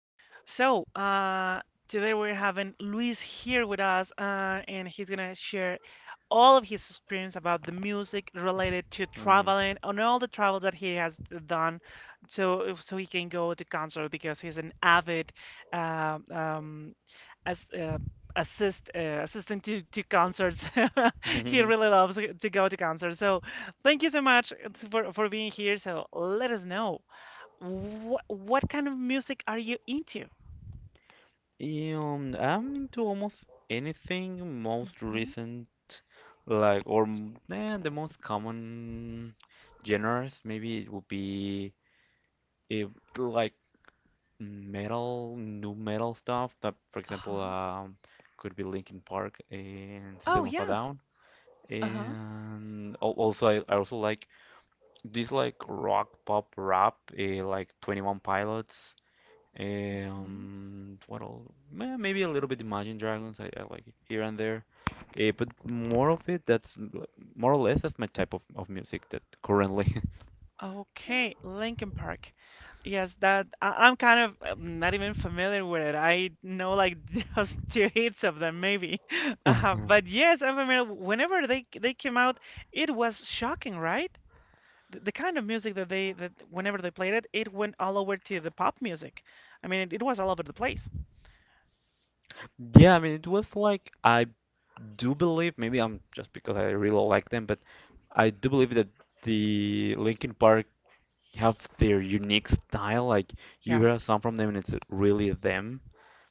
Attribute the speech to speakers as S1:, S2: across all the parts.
S1: so today we're having Luis here with us, and he's gonna share all of his experience about the music related to
S2: Mhm.
S1: traveling and all the travels that he has done, so he can go to concert because he's an avid uh, um, as assist assistant to concerts. He really loves to go to concerts. So thank you so much for being here. So let us know. What kind of music are you into?
S2: I'm into almost anything most
S1: Hmm.
S2: recent, the most common genres. Maybe it would be eh, like metal, new metal stuff. But for example,
S1: Uh-huh.
S2: could be Linkin Park and
S1: Oh,
S2: System of a
S1: yeah.
S2: Down.
S1: Uh-huh.
S2: And al- also, I also like these like rock, pop, rap, like 21 Pilots.
S1: Hmm.
S2: And what else? Maybe a little bit Imagine Dragons. I like it here and there, but more of it. More or less that's my type of music that currently.
S1: Okay, Linkin Park. Yes, that I'm kind of not even familiar with it. I know like just two hits of them maybe. But yes, I'm familiar. Whenever they came out, it was shocking, right? The kind of music that whenever they played it went all over to the pop music. I mean, it was all over the place.
S2: Yeah, I mean it was like I do believe maybe I'm just because I really like them, but I do believe that the Linkin Park have their unique style. Like you
S1: Yeah.
S2: hear a song from them and it's really them.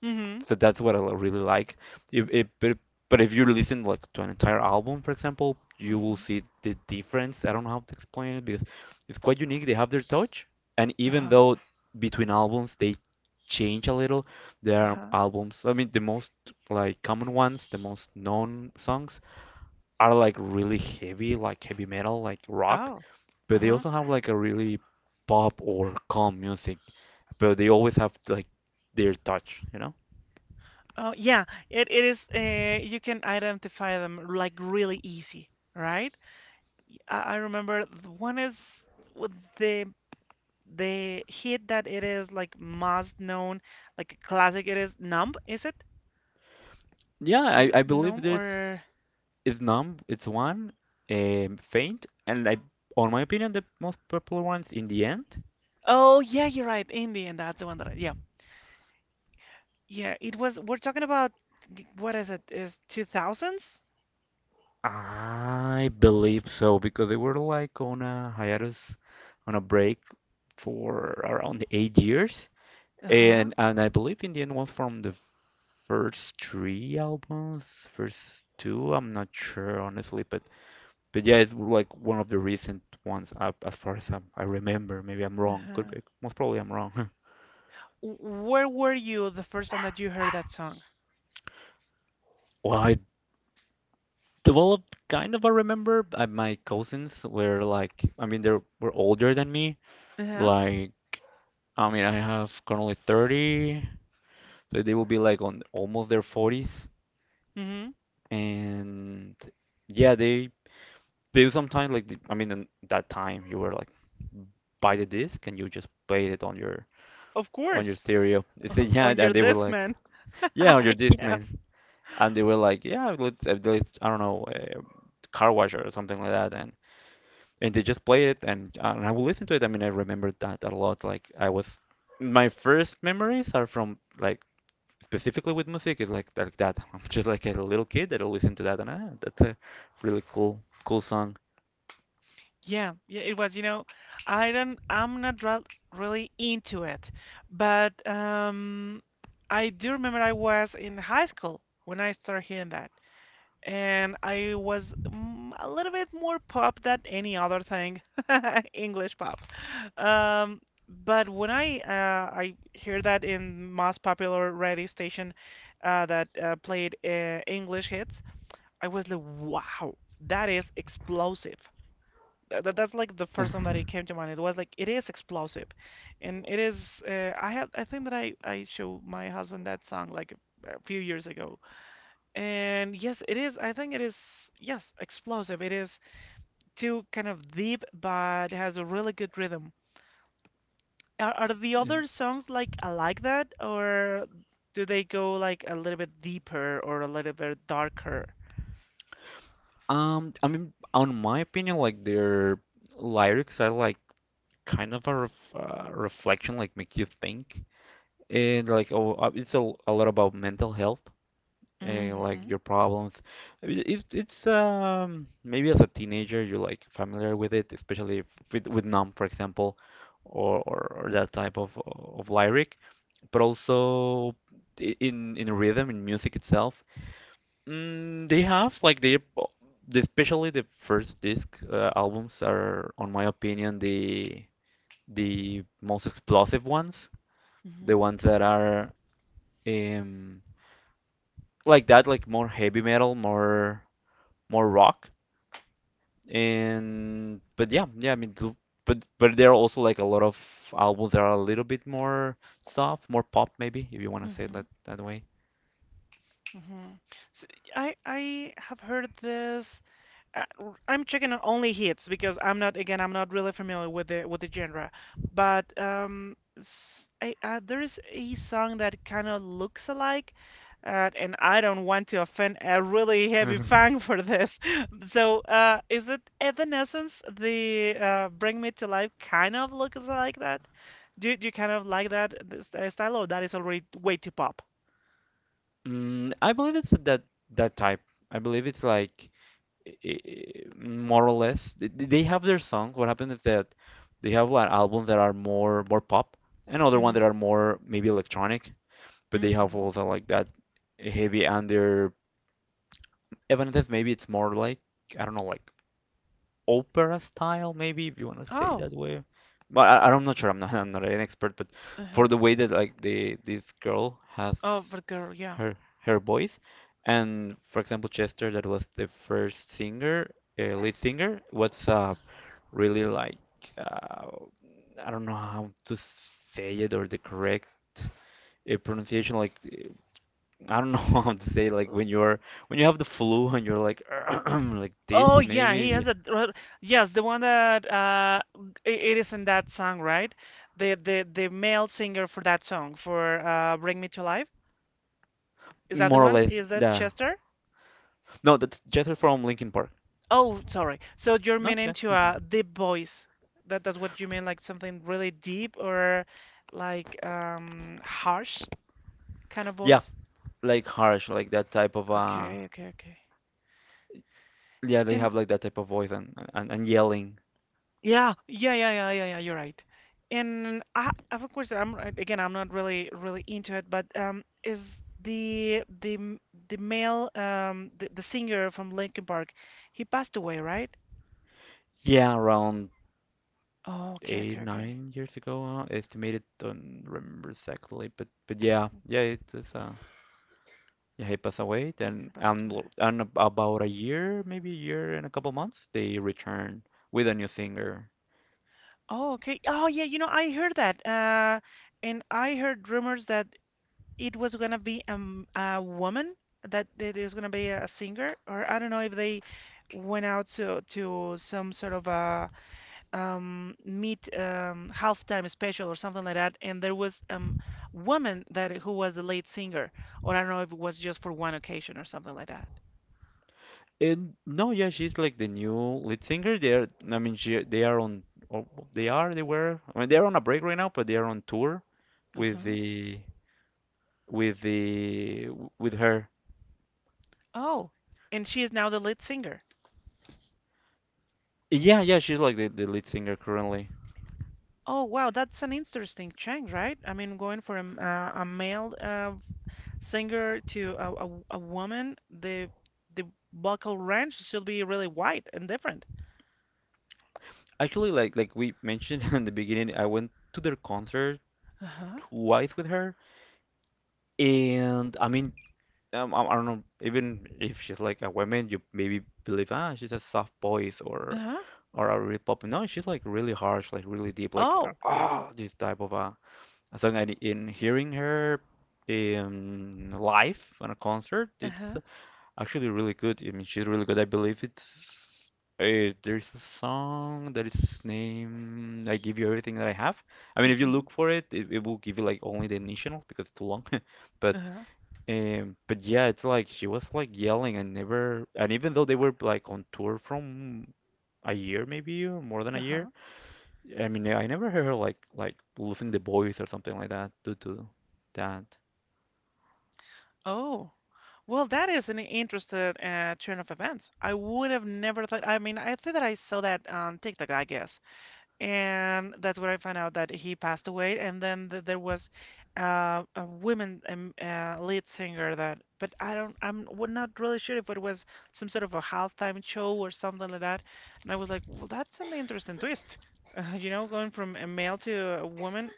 S1: Mm-hmm.
S2: So that's what I really like. If it, but if you listen like to an entire album, for example, you will
S1: Mm-hmm.
S2: see the difference. I don't know how to explain it because it's quite unique. They have their touch, and even
S1: Uh-huh.
S2: though between albums they change a little, there are
S1: Uh-huh.
S2: albums. I mean, the most like common ones, the most known songs are like really heavy, like heavy metal, like rock.
S1: Oh,
S2: But they
S1: uh-huh.
S2: also have like a really pop or calm music. But they always have like their touch, you know?
S1: Oh, yeah. It is. You can identify them like really easy, right? I remember the one is with the hit that it is like most known, like a classic. It is Numb. Is it?
S2: Yeah,
S1: Is
S2: I,
S1: it
S2: I believe
S1: Numb
S2: there's
S1: or?
S2: is numb. It's one, faint, and I, on my opinion, the most popular ones in the end.
S1: Oh, yeah. You're right. Indian. That's the one that I. Yeah. Yeah. It was. We're talking about what is it? Is two thousands?
S2: I believe so because they were like on a hiatus, on a break for around 8 years,
S1: Uh-huh.
S2: and I believe in the end was from the first three albums, first two. I'm not sure honestly, but yeah, it's like one of the recent ones up as far as I remember. Maybe I'm wrong. Could
S1: Uh-huh.
S2: be. Most probably I'm wrong.
S1: Where were you the first time that you heard that song?
S2: Well, I developed kind of a remember. My cousins were like, I mean, they were older than me.
S1: Uh-huh.
S2: Like, I mean, I have currently 30, so they will be like on almost their 40s. And yeah, they sometimes like, I mean, in that time you were like, buy the disc and you just played it
S1: Of
S2: on your
S1: course,
S2: stereo. They said, yeah,
S1: on your
S2: and they were
S1: desk,
S2: like,
S1: man.
S2: yeah, on your disc,
S1: Yes.
S2: man. And they were like, yeah, let's I don't know, car wash or something like that. And they just played it and I would listen to it. I mean, I remember that a lot. Like I was, my first memories are from like specifically with music is like that. I'm just like a little kid that'll listen to that and ah, that's a really cool song.
S1: Yeah, yeah, it was, I'm not really into it, but I do remember I was in high school when I started hearing that, and I was a little bit more pop than any other thing, English pop. Um, but when I hear that in most popular radio station, that played English hits. I was like, wow, that is explosive. That's like the first time that it came to mind. It was like, it is explosive. And it is, I have, I think that I showed my husband that song like a few years ago. And yes, it is, I think it is, yes, explosive. It is too kind of deep, but has a really good rhythm. Are the
S2: Yeah.
S1: other songs like that, or do they go like a little bit deeper or a little bit darker?
S2: I mean, on my opinion, like their lyrics are like kind of a reflection, like make you think, and like oh, it's a lot about mental health. And like
S1: Hmm.
S2: your problems. I mean, it's maybe as a teenager you're like familiar with it, especially if, with Numb, for example, or that type of lyric. But also in rhythm, in music itself, they have like they especially the first disc albums are, on my opinion, the most explosive ones, the
S1: Hmm.
S2: ones that are um like that, like more heavy metal, more rock. And but yeah, yeah, I mean, but there are also like a lot of albums that are a little bit more soft, more pop maybe, if you want to say it
S1: Hmm.
S2: like that way.
S1: Hmm. So I have heard this. I'm checking on only hits because I'm not, again, I'm not really familiar with the genre. But s I there is a song that kind of looks alike, and I don't want to offend a really heavy
S2: Mhm.
S1: fan for this. So is it Evanescence? The Bring Me to Life kind of looks like that. Do you kind of like that this, style, or that is already way too pop?
S2: Mm, I believe it's that that type. I believe it's like i- more or less they have their songs. What happens is that they have like albums that are more more pop and other ones that
S1: Hmm.
S2: are more maybe electronic, but they have
S1: Hmm.
S2: also like that heavy under Evanescence. Maybe it's more like I don't know, like opera style, maybe if you want to say it
S1: Oh.
S2: that way. But I'm not sure. I'm not I'm not an expert, but for
S1: Uh-huh.
S2: the way that like the this girl has
S1: Oh, but girl, yeah.
S2: her her voice, and for example Chester, that was the first singer, lead singer, was really like uh, I don't know how to say it or the correct pronunciation. Like I don't know how to say like when you're when you have the flu and you're like like
S1: Oh,
S2: this
S1: yeah,
S2: maybe
S1: he
S2: yeah.
S1: has yes, the one that it is in that song, right? The male singer for that song for Bring Me to Life. Is that the
S2: More or
S1: one?
S2: less
S1: Is that
S2: yeah.
S1: Chester?
S2: No, that's Jethro from Linkin Park.
S1: Oh, sorry. So you're
S2: Not
S1: meaning
S2: bad.
S1: to
S2: Mhm.
S1: a deep voice. That's what you mean, like something really deep or like harsh kind of
S2: Yeah,
S1: voice?
S2: like harsh, like that type of
S1: Okay, okay, okay.
S2: yeah, they
S1: And
S2: have like that type of voice and yelling.
S1: yeah, yeah, yeah, yeah, yeah, yeah, you're right. And I have a question. I'm again, I'm not really really into it, but is the male the singer from Linkin Park, he passed away, right?
S2: Yeah, around
S1: Oh, okay, okay,
S2: eight,
S1: okay.
S2: 9 years ago, estimated, don't remember exactly, but yeah,
S1: Mhm.
S2: yeah, it is yeah, he passed away then
S1: He passed
S2: and
S1: away.
S2: and about a year, maybe a year and a couple months, they returned with a new singer.
S1: Oh, okay. Oh, yeah, I heard that. And I heard rumors that it was gonna be a woman that it is gonna be a singer, or I don't know if they went out to some sort of a meet, halftime special or something like that, and there was woman that who was the lead singer, or I don't know if it was just for one occasion or something like that.
S2: And no, yeah, she's like the new lead singer. They're, I mean, she, they are on, oh, they are, they were. I mean, they're on a break right now, but they are on tour with
S1: Uh-huh.
S2: the, with the, with her.
S1: Oh, and she is now the lead singer.
S2: Yeah, yeah, she's like the lead singer currently.
S1: Oh wow, that's an interesting change, right? I mean, going from a male singer to a woman, the vocal range should be really wide and different.
S2: Actually, like we mentioned in the beginning, I went to their concert
S1: Uh-huh.
S2: twice with her, and I mean, I don't know, even if she's like a woman, you maybe believe ah, she's a soft voice
S1: Uh-huh.
S2: or a real pop. No, she's like really harsh, like really deep, like
S1: Oh.
S2: ah, oh, this type of a. I think I in hearing her in live on a concert, it's
S1: Uh-huh.
S2: actually really good. I mean, she's really good. I believe it's there's a song that is named "I Give You Everything That I Have." I mean, if you
S1: Mm-hmm.
S2: look for it, it will give you like only the initial because it's too long, but
S1: Uh-huh.
S2: but yeah, it's like she was like yelling and never, and even though they were like on tour from a year maybe or more than a year,
S1: Uh-huh.
S2: I mean, I never heard her like losing the voice or something like that due to that.
S1: Oh, well, that is an interesting turn of events. I would have never thought. I mean, I think that I saw that on TikTok, I guess, and that's where I found out that he passed away. And then th there was a woman lead singer that, but I'm not really sure if it was some sort of a halftime show or something like that. And I was like, well, that's an interesting twist, going from a male to a woman,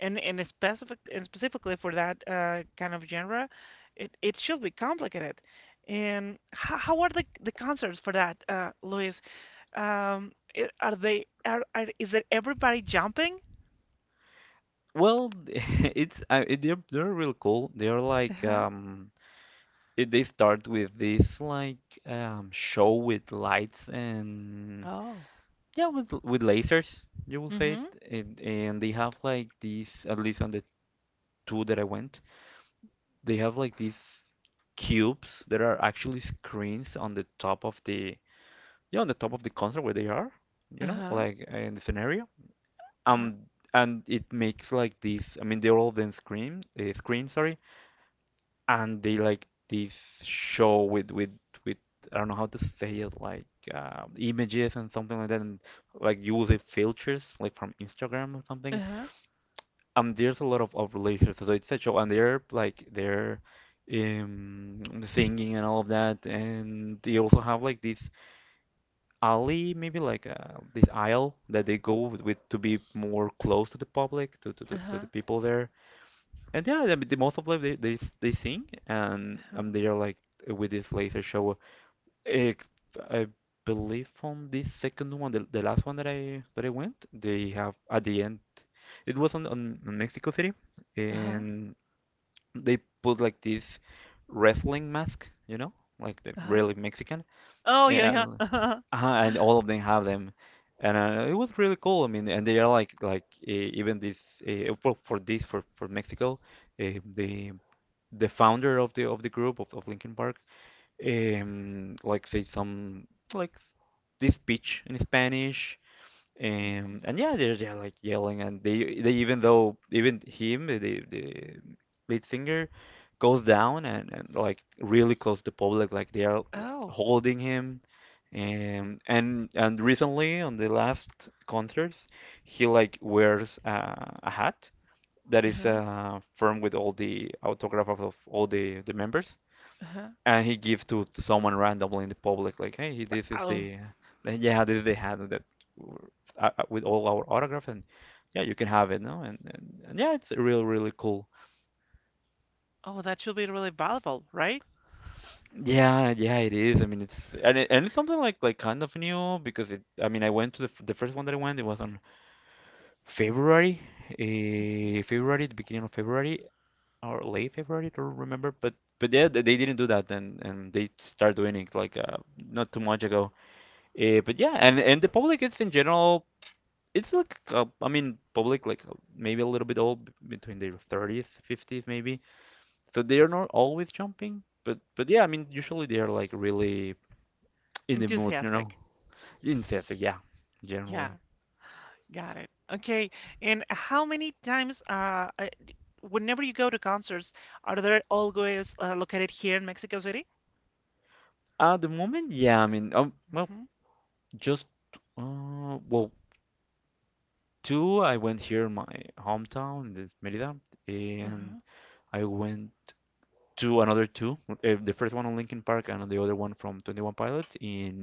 S1: and specific and specifically for that kind of genre, it should be complicated. And how are the concerts for that, Luis? I- are they are is it everybody jumping?
S2: Well, they're real cool. They're like
S1: Uh-huh.
S2: they start with this like show with lights and
S1: Oh.
S2: yeah with lasers you will say it,
S1: Mm-hmm.
S2: and they have like these at least on the two that I went. They have like these cubes that are actually screens on the top of the yeah on the top of the console where they are, you know,
S1: Uh-huh.
S2: like in the scenario.
S1: Uh-huh.
S2: Um, and it makes like this I mean, they're all then screen, sorry, and they like this show with I don't know how to say it, like images and something like that, and like you will see filters like from Instagram or something
S1: Uh-huh.
S2: there's a lot of relationships so it's a show and they're like they're singing and all of that and they also have like this alley maybe like this aisle that they go with to be more close to the public to the
S1: Uh-huh.
S2: people there and yeah I mean, the most of them they sing and
S1: Uh-huh.
S2: they are like with this laser show. Eh, I believe on the second one, the last one that I went, they have at the end. It was on, on Mexico City,
S1: Uh-huh.
S2: and they put like this wrestling mask, you know, like the
S1: Uh-huh.
S2: really Mexican,
S1: Oh, yeah, yeah.
S2: and
S1: Uh-huh.
S2: uh and all of them have them, and it was really cool. I mean, and they are like even this for Mexico, uh, the the founder of the group of Linkin Park like say some like this speech in Spanish.
S1: Mhm.
S2: And yeah, they're like yelling, and they even though even him the lead singer goes down and like really close to public, like they are
S1: Oh.
S2: holding him. And recently on the last concerts, he like wears a hat that is
S1: Uh-huh.
S2: firm with all the autograph of all the members
S1: Uh-huh.
S2: and he gives to someone randomly in the public, like, hey, this is
S1: Oh,
S2: yeah, this is the hat that w- with all our autograph, and yeah, you can have it, no, and yeah, it's real, really cool.
S1: oh, that should be really valuable, right?
S2: Yeah, yeah, it is. I mean, it's and it, and it's something like kind of new because it. I mean, I went to the first one that I went. It was on February,
S1: Mhm.
S2: February, the beginning of February or late February. I don't remember, but they didn't do that, and they start doing it like not too much ago. But yeah, and the public, it's in general, it's like public like maybe a little bit old, between their 30s, 50s maybe. So they are not always jumping, but usually they are like really in the mood,
S1: Enthusiastic.
S2: enthusiastic. Yeah,
S1: Yeah,
S2: generally.
S1: got it. Okay, and how many times whenever you go to concerts, are they always located here in Mexico City?
S2: At the moment, yeah, just uh, well, two. I went here in my hometown, this Merida, and
S1: Mm-hmm.
S2: I went. Two Another two, the first one on Linkin Park and the other one from 21 Pilot in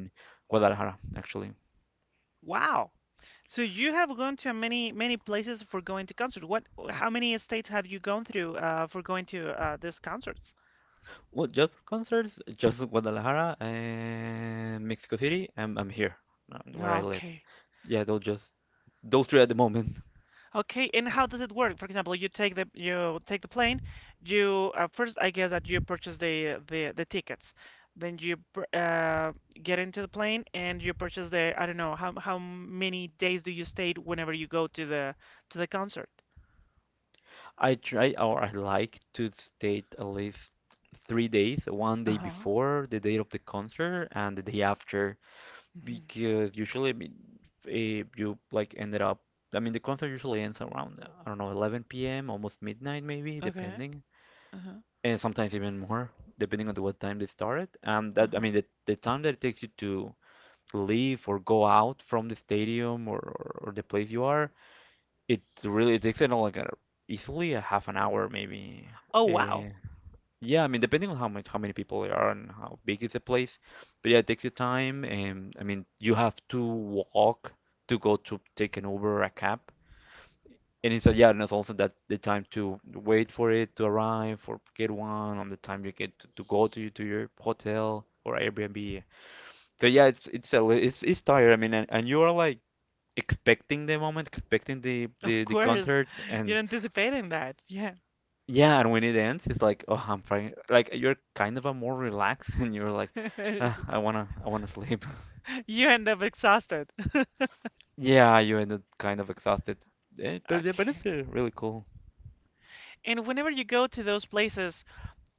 S2: Guadalajara actually.
S1: Wow. So you have gone to many many places for going to concerts. What? How many states have you gone through for going to these concerts?
S2: Well, just concerts, just Guadalajara and Mexico City. I'm here where I live.
S1: Okay.
S2: Yeah, they'll just those three at the moment.
S1: Okay, and how does it work? For example, you take the plane. You first, I guess that you purchase the tickets. Then you get into the plane and you purchase the I don't know how many days do you stay whenever you go to the concert?
S2: I try or I like to stay at least 3 days, one day
S1: Uh-huh.
S2: before the date of the concert and the day after.
S1: Hmm.
S2: Because usually, if you like ended up, the concert usually ends around, I don't know, 11 p.m., almost midnight maybe,
S1: Okay.
S2: depending,
S1: Uh-huh.
S2: and sometimes even more, depending on the what time they started.
S1: Uh-huh.
S2: The time that it takes you to leave or go out from the stadium, or the place you are, it really it takes it all like a, easily a half an hour maybe.
S1: Oh wow.
S2: eh, yeah, depending on how much, how many people there are and how big is the place, but yeah, it takes your time. And you have to walk to go to take an Uber or a cab, and it's yeah, and it's also that the time to wait for it to arrive or get one on the time you get to go to your hotel or Airbnb. So yeah, it's a li- it's tired. And you are like expecting the moment, expecting the
S1: Of
S2: the the
S1: course,
S2: concert. And
S1: you're anticipating that. Yeah.
S2: yeah, and when it ends, it's like, oh, I'm trying. Like you're kind of a more relaxed, and you're like, ah, I wanna sleep.
S1: You end up exhausted.
S2: Yeah, you end up kind of exhausted. But it's
S1: Okay.
S2: really cool.
S1: And whenever you go to those places,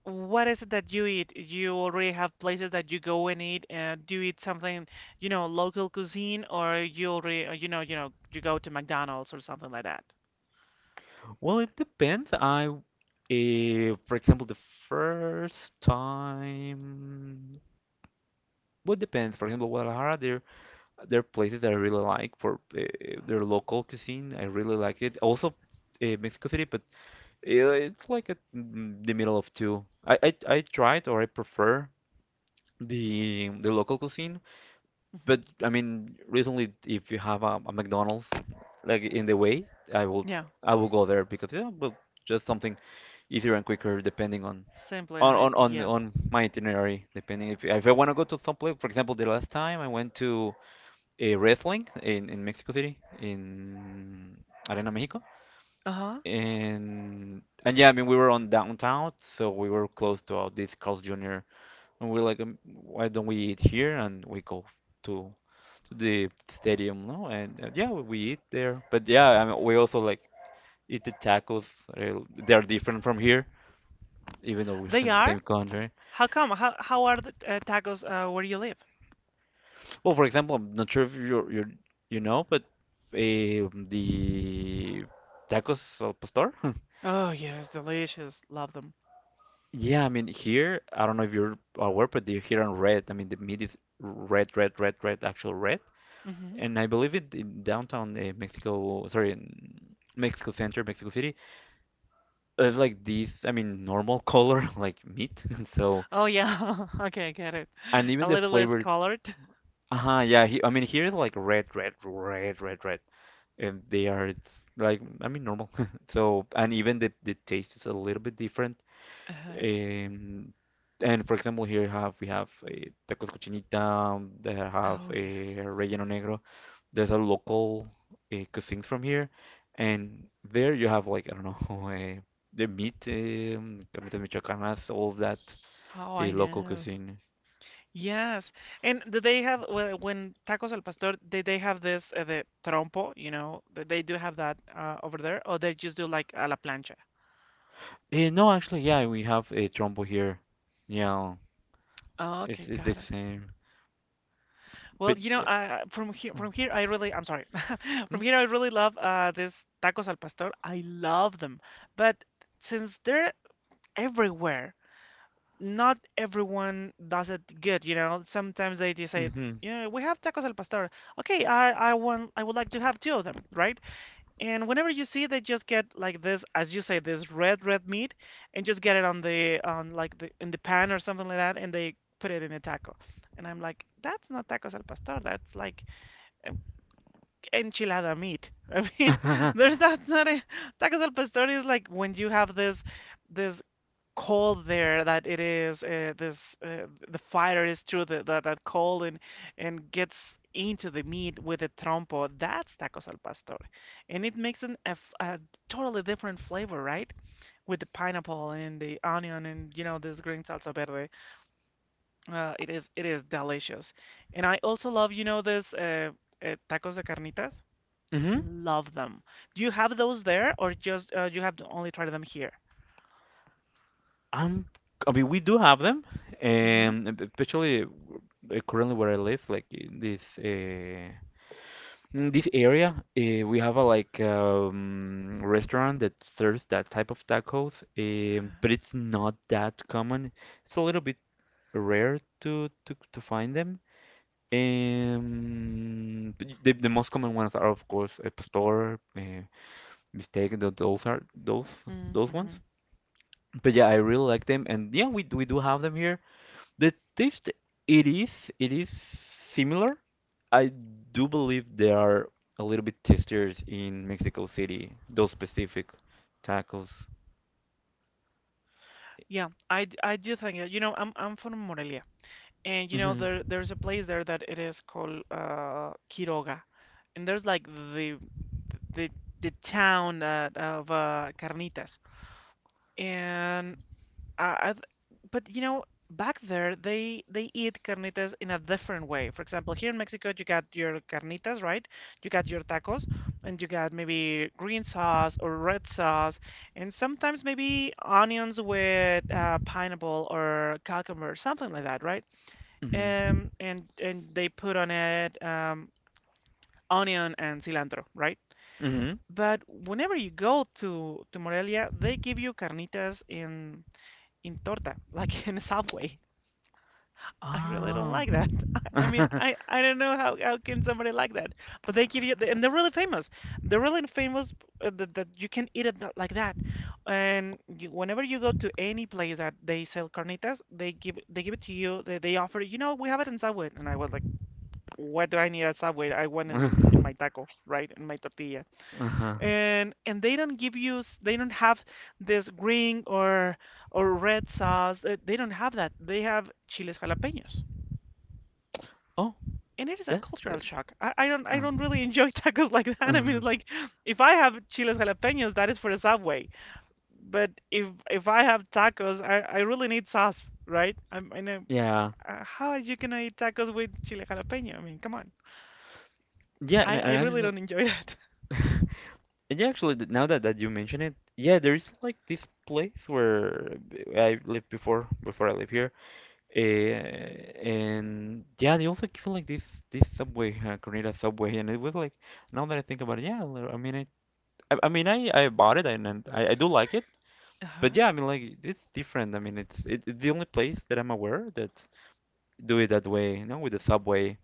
S1: what is it that you eat? You already have places that you go and eat. Do you eat something, local cuisine, or you already, you go to McDonald's or something like that?
S2: Well, it depends. For example, the first time, well, it depends. For example, Guadalajara, there are places that I really like for their local cuisine. I really like it. Also, Mexico City, but yeah, it's like at the middle of two. I tried or I prefer the local cuisine,
S1: Hmm.
S2: but recently if you have a McDonald's like in the way, I will
S1: Yeah,
S2: I will go there because yeah, but just something easier and quicker depending on
S1: simple and easy. Yeah.
S2: on my itinerary, depending if I want to go to some place. For example, the last time I went to a wrestling in Mexico City in Arena Mexico.
S1: Uh-huh.
S2: And yeah, we were on downtown, so we were close to all this Carl's Jr. And we are like, why don't we eat here? And we go to to the stadium, no? And yeah, we eat there. But yeah, we also like eat the tacos. They are different from here, even though we're
S1: They
S2: in the
S1: are?
S2: same country.
S1: How come? How are the tacos where you live?
S2: Well, for example, I'm not sure if you're you know, but the tacos al pastor.
S1: Oh yes, delicious. Love
S2: Yeah, here, I don't know if you're aware, but they're here on red. I mean the meat is red, red, red, red, actual red.
S1: them.
S2: And I believe it in downtown Mexico, sorry, in Mexico Center, Mexico City, it's like this. I mean normal color like meat. So
S1: Oh yeah. Okay, I get it.
S2: and even
S1: A
S2: the
S1: little less
S2: flavors.
S1: colored.
S2: Uh-huh, yeah. I mean here is like red, red, red, red, red, and they are it's like normal. So and even the taste is a little bit different.
S1: uh
S2: Um, and for example, here have we have tacos cochinita, they have
S1: Oh yes.
S2: relleno negro. There's a local cuisine from here, and there you have like I don't know the meat, carnitas michoacanas, all of that
S1: Oh, I
S2: local
S1: know.
S2: cuisine.
S1: Yes. And do they have when tacos al pastor, did they have this the trompo, you know? They do have that over there or they just do like a la plancha?
S2: No, actually, yeah, we have a trompo here. Yeah,
S1: Oh, okay,
S2: it's the
S1: got it.
S2: same,
S1: Well,
S2: but.
S1: from here, I really, I'm sorry, from here, I really love this tacos al pastor. I love them, but since they're everywhere, not everyone does it good, you know. Sometimes they just say,
S2: Mm-hmm.
S1: you know, we have tacos al pastor. Okay, I would like to have two of them, right? And whenever you see, they just get like this, as you say, this red red meat, and just get it on the on like the in the pan or something like that, and they put it in a taco. And I'm like, that's not tacos al pastor. That's like en- enchilada meat. I mean,
S2: Mm-hmm.
S1: there's that's not a tacos al pastor is like when you have this call there that it is this the fighter is through that call and gets into the meat with the trompo. That's tacos al pastor, and it makes a totally different flavor, right? With the pineapple and the onion and this green salsa verde. It is delicious, and I also love this tacos de carnitas. Love them. Do you have those there, or just you have only tried them here?
S2: I'm, I mean, we do have them,
S1: Mm-hmm.
S2: and especially currently where I live, like in this area, we have a like restaurant that serves that type of tacos, but it's not that common. It's a little bit rare to find them. But the most common ones are of course a pastor, those are those
S1: Mm-hmm.
S2: ones. But yeah, I really like them, and yeah, we do have them here. The taste, it is similar. I do believe they are a little bit tastier in Mexico City, those specific tacos.
S1: Yeah, I do think that, I'm from Morelia, and
S2: Hmm.
S1: there's a place there that it is called Quiroga, and there's like the the town of carnitas, and uh, I th- but back there they eat carnitas in a different way. For example, here in Mexico, you got your carnitas, right? You got your tacos, and you got maybe green sauce or red sauce, and sometimes maybe onions with pineapple or cucumber, something like that, right?
S2: Hmm.
S1: And they put on it onion and cilantro, right?
S2: Hmm.
S1: But whenever you go to Morelia, they give you carnitas in torta, like in a Subway. I
S2: Ah.
S1: really don't like that. I, mean, I, I don't know how can somebody like that, but they give you and they're really famous. They're really famous that you can eat it like that. And you, whenever you go to any place that they sell carnitas, they give it to you. They offer, we have it in Subway, and I was like, what do I need a Subway? I want it in my taco, right, in my tortilla.
S2: Uh-huh.
S1: And they don't give you, they don't have this green or red sauce. They don't have that. They have chiles jalapeños,
S2: Oh,
S1: and it is a
S2: that's
S1: cultural
S2: the.
S1: shock. I, I don't I
S2: uh,
S1: don't really enjoy tacos like that. I mean,
S2: uh-huh.
S1: like if I have chiles jalapenos, that is for the Subway. But if I have tacos, I really need sauce, right? I know
S2: Yeah.
S1: how are you gonna eat tacos with chile jalapeno? I mean, come on.
S2: Yeah,
S1: I, I really don't enjoy that.
S2: and yeah, actually, now that you mention it, yeah, there is like this place where I lived before, before I live here. And yeah, they also give like this subway, Cornita subway, and it was like now that I think about it, yeah, I bought it and, I do like it, but
S1: Uh-huh.
S2: yeah, like it's different. It's the only place that I'm aware that do it that way, you know, with the subway.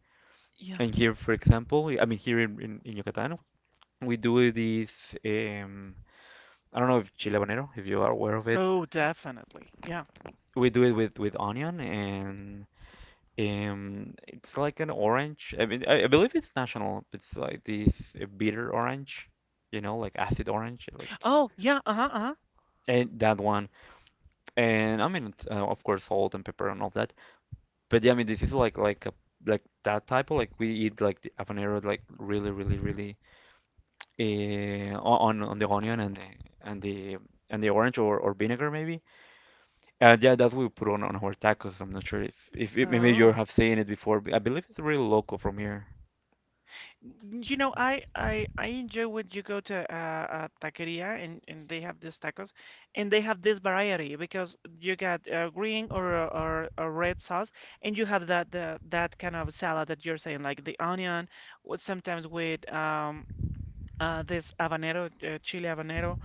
S1: Yeah.
S2: And here, for example, here in Yucatan, we do this. Um, I don't know if chile habanero, if you are aware of it.
S1: Oh, definitely. Yeah.
S2: We do it with onion and it's like an orange. I believe it's national. It's like this bitter orange, you know, like acid orange, like
S1: Oh, yeah. Uh-huh. Uh-huh.
S2: and that one. And it's, of course, salt and pepper and all that. But yeah, this is like a like that type of like we eat like the habanero like really really really on the onion and and the the orange, or vinegar maybe. Yeah, that's what we put on our tacos. I'm not sure if maybe you
S1: Oh.
S2: have seen it before, but I believe it's really local from here.
S1: You know, I enjoy when you go to a taqueria and they have these tacos, and they have this variety because you got green or a red sauce, and you have that kind of salad that you're saying, like the onion, with sometimes with this habanero, chili habanero,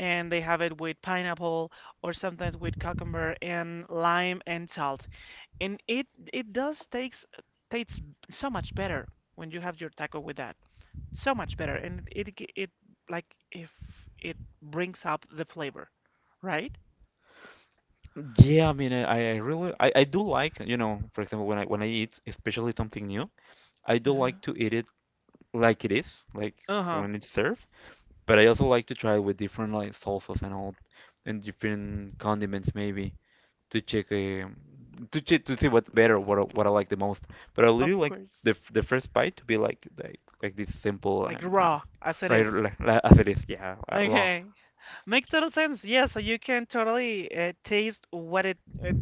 S1: and they have it with pineapple or sometimes with cucumber and lime and salt, and it does takes tastes so much better when you have your taco with that so much better, and it, g- it like if it brings up the flavor, right?
S2: Yeah, I really, I do like, you know, for example, when I eat, especially something new, I do like
S1: Uh-huh.
S2: to eat it like it is, like
S1: Uh-huh.
S2: when it's served. But I also like to try with different like salsas and all, and different condiments maybe to check, to see what's better, what I like the most. But I really
S1: Of
S2: like
S1: course.
S2: the first bite to be like this simple
S1: Like
S2: and
S1: raw as it
S2: right
S1: is.
S2: like as it is, yeah, raw.
S1: Okay. Makes total sense. Yes, so you can totally taste uh,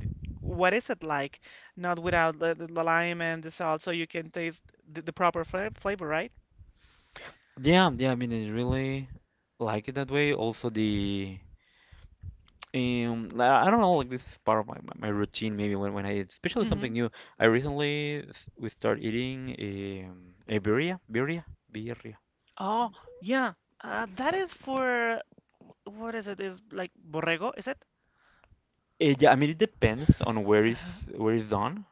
S1: what is it like, not without the lime and the salt, so you can taste the proper flavor, right?
S2: Yeah, yeah, I really like it that way. Also the I don't know, like this is part of my routine maybe when I eat, especially something
S1: Mm-hmm.
S2: new. I recently we start eating um, a birria.
S1: Oh, yeah. That is for what is it? Is like borrego, is it?
S2: Yeah, it depends on
S1: Uh-huh.
S2: where is done,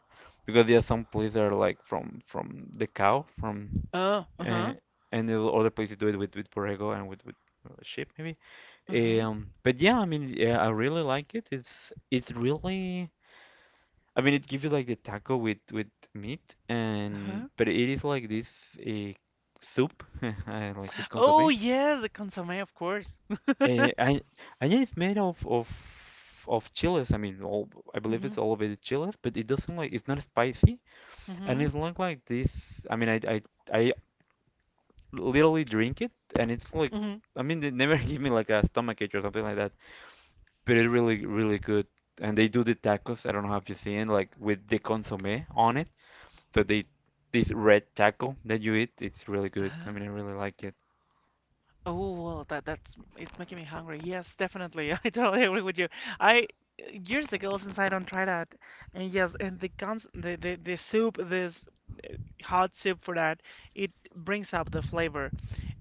S2: because there are some places that are like from the cow from
S1: Oh,
S2: uh,
S1: uh-huh.
S2: and the other places do it with borrego and with sheep maybe.
S1: Uh-huh.
S2: But yeah, I really like it. It's really it gives you like the taco with meat, and
S1: Uh-huh.
S2: but it is like this uh, soup, like this
S1: Oh
S2: consommé.
S1: yes, the consommé, of course.
S2: Uh, and and yeah, it's made of chiles. I believe
S1: Mm-hmm.
S2: it's all of it is chiles, but it doesn't like it's not spicy, and it's
S1: Mm-hmm.
S2: not like this. I mean, I I I literally drink it, and it's like
S1: Mm-hmm.
S2: they never give me like a stomach ache or something like that. But it's really really good, and they do the tacos. I don't know if you've seen like with the consommé on it. So they, this red taco that you eat, it's really good.
S1: Uh-huh.
S2: I really like it.
S1: Oh well, that that's it's making me hungry. Yes, definitely. I totally agree with you. I Years ago since I don't try that, and yes, and the cons the soup, this hot soup for that, it brings up the flavor,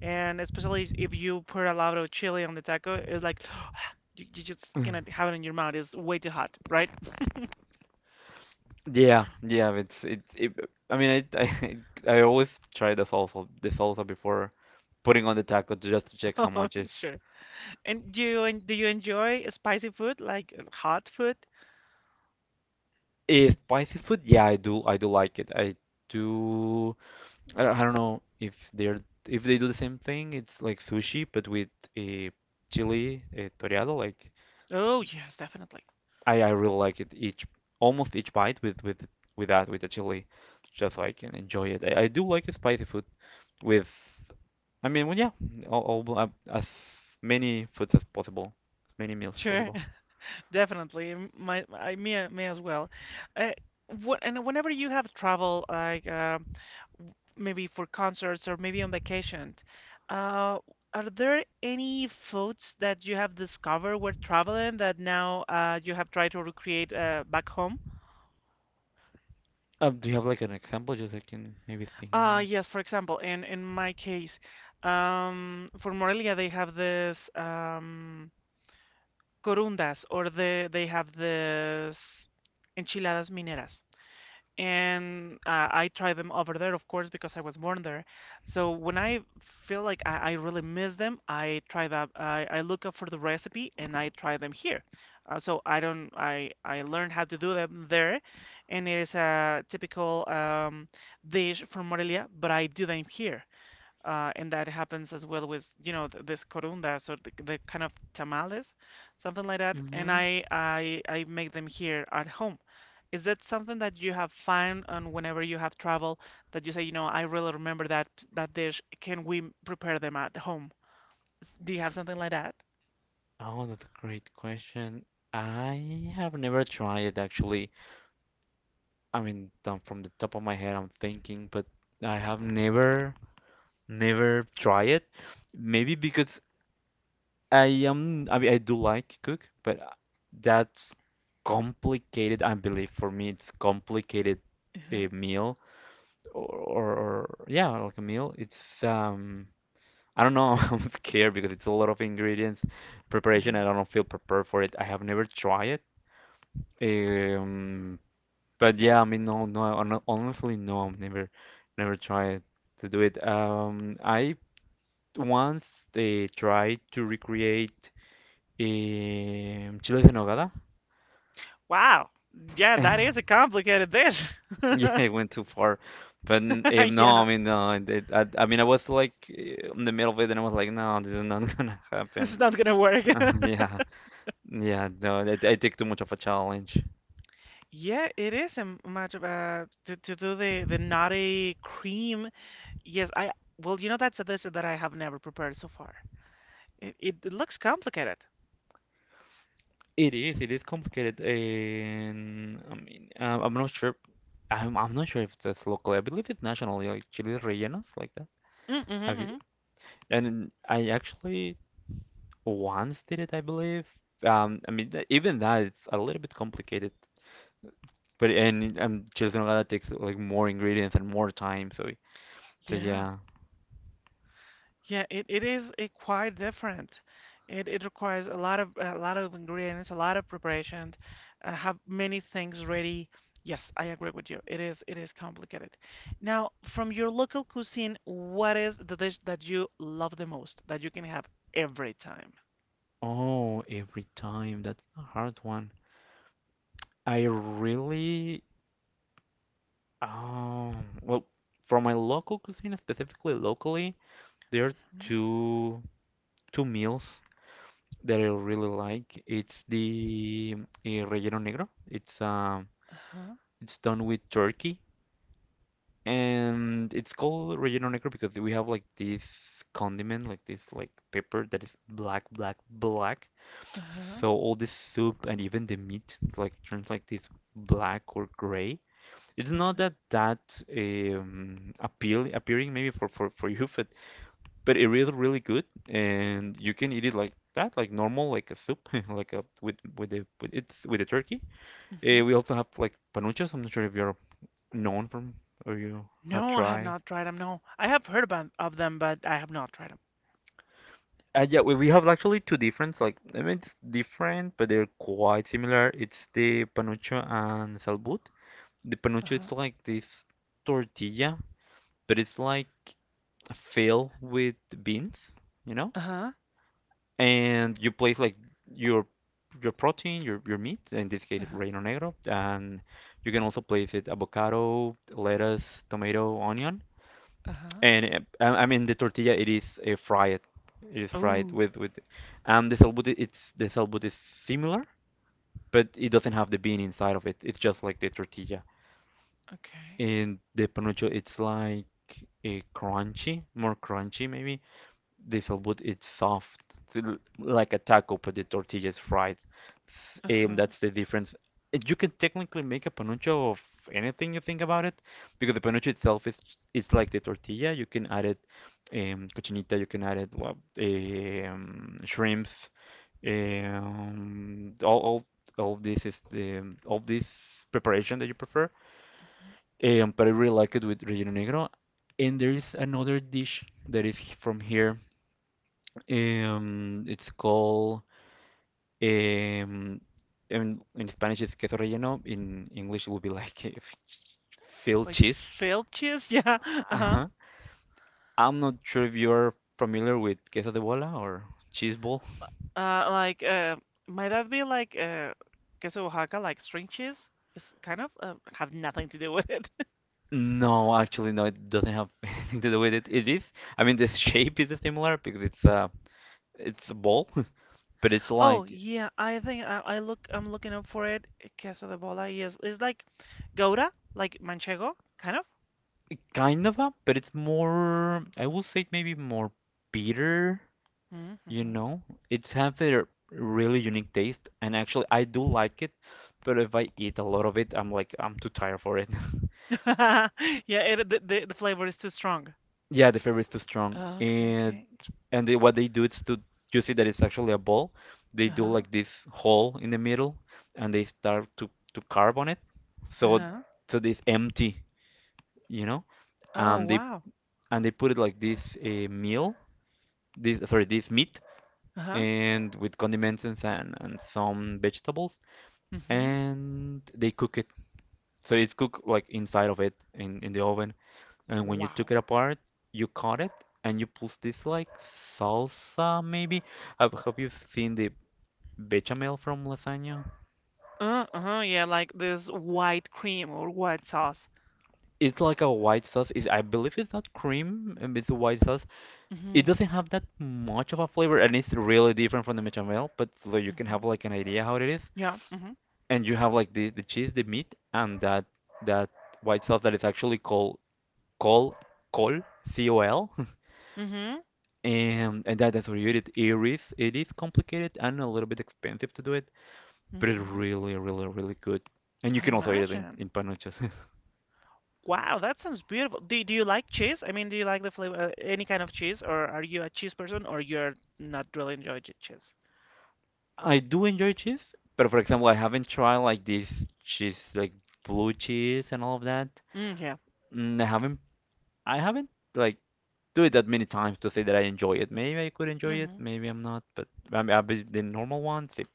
S1: and especially if you put a lot of chili on the taco, it's like you just
S2: Mm.
S1: cannot have it in your mouth. It's way too hot, right?
S2: Yeah, yeah, it's it, I mean, I I always try the salsa before putting on the taco just to check how
S1: Oh,
S2: much is.
S1: sure. And do you do you enjoy spicy food like hot food?
S2: Is spicy food? Yeah, I do. I do like it. I do. I don't know if they're if they do the same thing. It's like sushi, but with a chili, a toreado, like
S1: Oh yes, definitely.
S2: I really like it each almost each bite with that with the chili, just so I can enjoy it. I do like spicy food with I mean, well, yeah, all as many foods as possible, as many meals as
S1: Sure,
S2: possible.
S1: definitely. M- My, I me a- me as well. Uh, what, and whenever you have travel like maybe for concerts or maybe on vacation, uh, are there any foods that you have discovered while traveling that now you have tried to recreate back home?
S2: Do you have like an example just so I can maybe think?
S1: Yes, for example, in my case, for Morelia they have this. Corundas, or they have this enchiladas mineras. And I try them over there, of course, because I was born there. So when I feel like I really miss them, I try that. I look up for the recipe and I try them here. So I don't. I learned how to do them there, and it is a typical dish from Morelia, but I do them here. And that happens as well with, th this corundas or the kind of tamales, something like that. And
S2: Hmm.
S1: I make them here at home. Is that something that you have found on whenever you have travel that you say, I really remember that dish. Can we prepare them at home? Do you have something like that?
S2: Oh, that's a great question. I have never tried it, actually. I mean, from the top of my head, I'm thinking, but I have never, never tried it. Maybe because I mean, I do like to cook, but that's complicated, I believe. For me, it's complicated
S1: Uh-huh.
S2: a meal or yeah, like a meal. It's I don't know. I'm scared because it's a lot of ingredients, preparation,
S1: Uh-huh.
S2: and I don't feel prepared for it. I have never tried it. Um, but yeah, I mean, no, honestly, no, I've never, never tried to do it. I once tried to recreate Chiles en Nogada?
S1: Wow. Yeah, that is a complicated dish.
S2: Yeah, it went too far. But no,
S1: Yeah,
S2: I mean, no, I mean, I was like in the middle of it, and I was like, no, this is not gonna
S1: this
S2: happen.
S1: is not gonna work.
S2: Uh, yeah, yeah, no, it, I take too much of a challenge.
S1: Yeah, it is a much of a to do the nutty cream. Yes, I well, you know that's a dish that I have never prepared so far. It looks complicated.
S2: It is complicated, and I mean, I'm not sure. I'm not sure if that's locally. I believe it's nationally, like Chiles rellenos, like that.
S1: Mm, hmm
S2: Have you?
S1: hmm.
S2: And I actually once did it, I believe. I mean, even that, it's a little bit complicated. But and I'm just going takes like more ingredients and more time. So so
S1: Yeah.
S2: yeah.
S1: Yeah, it is quite different. It requires a lot of ingredients, a lot of preparation, have many things ready. Yes, I agree with you. It is complicated. Now, from your local cuisine, what is the dish that you love the most that you can have every time?
S2: Oh, every time. That's a hard one. I really well, for my local cuisine, specifically locally, there are
S1: Mhm.
S2: two two meals that I really like. It's the relleno negro.
S1: Uh-huh.
S2: It's done with turkey. And it's called relleno negro because we have like this condiment, like this like pepper that is black, black, black.
S1: Uh-huh.
S2: So all this soup and even the meat like turns like this black or gray. It's not that that appealing maybe for you, but it is really good, and you can eat it like that, like normal, like a soup, like a with the with it's with the turkey.
S1: Uh-huh.
S2: We also have like panuchos. I'm not sure if you're known from or you have
S1: No, I have
S2: tried.
S1: not tried them. No, I have heard about of them, but I have not tried them.
S2: Yeah, we have actually two different, like, I mean, it's different, but they're quite similar. It's the panucho and salbut. The panucho, it's
S1: Uh-huh.
S2: like this tortilla, but it's like filled with beans, you know?
S1: Uh-huh.
S2: And you place like your your protein, your meat, in this case
S1: Uh-huh.
S2: relleno negro, and you can also place it avocado, lettuce, tomato, onion,
S1: Uh-huh.
S2: and I mean the tortilla, it is fried. It is fried
S1: Oh,
S2: with and the salbut, it's the salbut is similar, but it doesn't have the bean inside of it. It's just like the tortilla.
S1: okay.
S2: And the panucho, it's like a crunchy, more crunchy maybe. This would it's soft, like a taco, but the tortilla is fried.
S1: Uh-huh.
S2: That's the difference. You can technically make a panucho of anything you think about it, because the panucho itself is it's like the tortilla. You can add it cochinita, you can add it well, shrimps, um, all, all all this is the all this preparation that you prefer.
S1: Mhm.
S2: But I really like it with relleno negro. And there is another dish that is from here, it's called um, in Spanish it's queso relleno. In English it would be like filled
S1: Like
S2: cheese.
S1: failed cheese? Yeah. Uh-huh.
S2: Uh-huh. I'm not sure if you're familiar with queso de bola or cheese ball.
S1: Like might that be like queso Oaxaca, like string cheese? It's kind of have nothing to do with it.
S2: No, actually, no. It doesn't have anything to do with it. It is. I mean, the shape is similar because it's a ball, but it's
S1: Oh
S2: like
S1: yeah, I think I'm looking up for it. Queso de bola. Yes, it's like gouda, like manchego, kind of.
S2: kind of a, but it's more. I will say maybe more bitter. You
S1: Mm-hmm.
S2: know, it's have a really unique taste, and actually I do like it, but if I eat a lot of it, I'm like I'm too tired for it.
S1: Yeah, the flavor is too strong.
S2: Yeah, the flavor is too strong,
S1: Okay, okay.
S2: and they, what they do is to you see that it's actually a ball. They do
S1: Uh-huh.
S2: like this hole in the middle, and they start to carve on it, so
S1: Uh-huh.
S2: so this empty, you know,
S1: Oh,
S2: they
S1: wow.
S2: and they put it like this meal, this sorry this meat,
S1: Uh-huh.
S2: and with condiments and some vegetables
S1: Mm-hmm.
S2: and they cook it. So it's cooked like inside of it in the oven. And when you took
S1: Wow.
S2: it apart, you cut it and you put this like salsa maybe. Have you seen the bechamel from lasagna?
S1: Uh-huh. Yeah, like this white cream or white sauce.
S2: It's like a white sauce. It's, I believe it's not cream, it's a white sauce.
S1: Mm-hmm.
S2: It doesn't have that much of a flavor and it's really different from the bechamel, but so you can have
S1: Mm-hmm.
S2: like an idea how it is.
S1: Yeah. Mm-hmm.
S2: And you have like the cheese, the meat, and that that white sauce that is actually called col col C O L,
S1: Mm-hmm.
S2: and that, that's where you eat it. It is complicated and a little bit expensive to do it, but it's
S1: Mm-hmm.
S2: really really really good. And you
S1: I
S2: can also eat it
S1: imagine.
S2: in panuchos.
S1: Wow, that sounds beautiful. Do you like cheese? I mean, do you like the flavor, any kind of cheese, or are you a cheese person, or you're not really enjoy cheese?
S2: I do enjoy cheese, but for example, I haven't tried like this cheese like blue cheese and all of that.
S1: Mm, yeah.
S2: Mm, I haven't like do it that many times to say that I enjoy it. Maybe I could enjoy it,
S1: Mm-hmm.
S2: maybe I'm not, but I mean, I, the normal ones, it,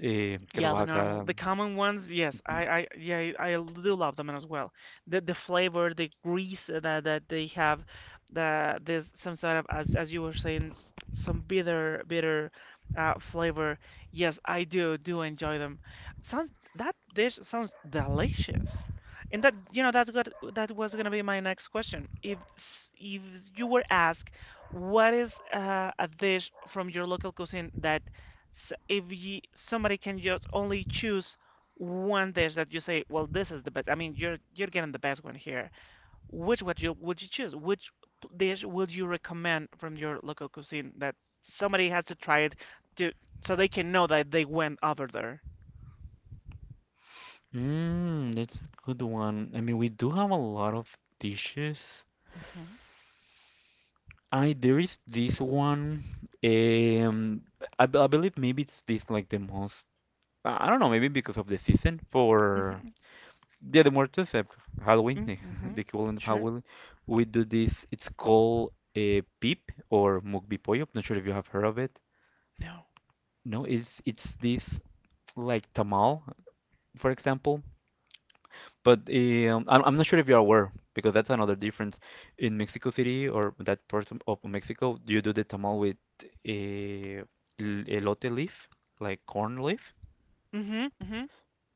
S1: Yeah,
S2: queso
S1: the normal,
S2: Oaxaca,
S1: the common ones, yes,
S2: no.
S1: yeah, I do love them as well. The flavor, the grease that they have, there's some sort of, as you were saying, some bitter flavor. Yes, I do enjoy them. Sounds that dish sounds delicious, and that's what that was gonna be my next question. If if you were asked, what is a dish from your local cuisine that so if you, somebody can just only choose one dish that you say, well, this is the best. I mean, you're getting the best one here. Which would you choose? Which dish would you recommend from your local cuisine that somebody has to try it to so they can know that they went over there?
S2: Mm, that's a good one. I mean, we do have a lot of dishes.
S1: Mm-hmm.
S2: I there is this one. Um, I believe maybe it's this like the most. I don't know. Maybe because of the season for
S1: Mm-hmm.
S2: Dia de Muertos, Halloween,
S1: Mm-hmm.
S2: the equivalent of
S1: Sure.
S2: Halloween. We do this. It's called a pip or mukbi. Not sure if you have heard of it.
S1: No.
S2: No, it's this like tamal, for example. But I'm not sure if you're aware, because that's another difference. In Mexico City or that part of Mexico, you do the tamal with a elote leaf, like corn leaf.
S1: Mm-hmm.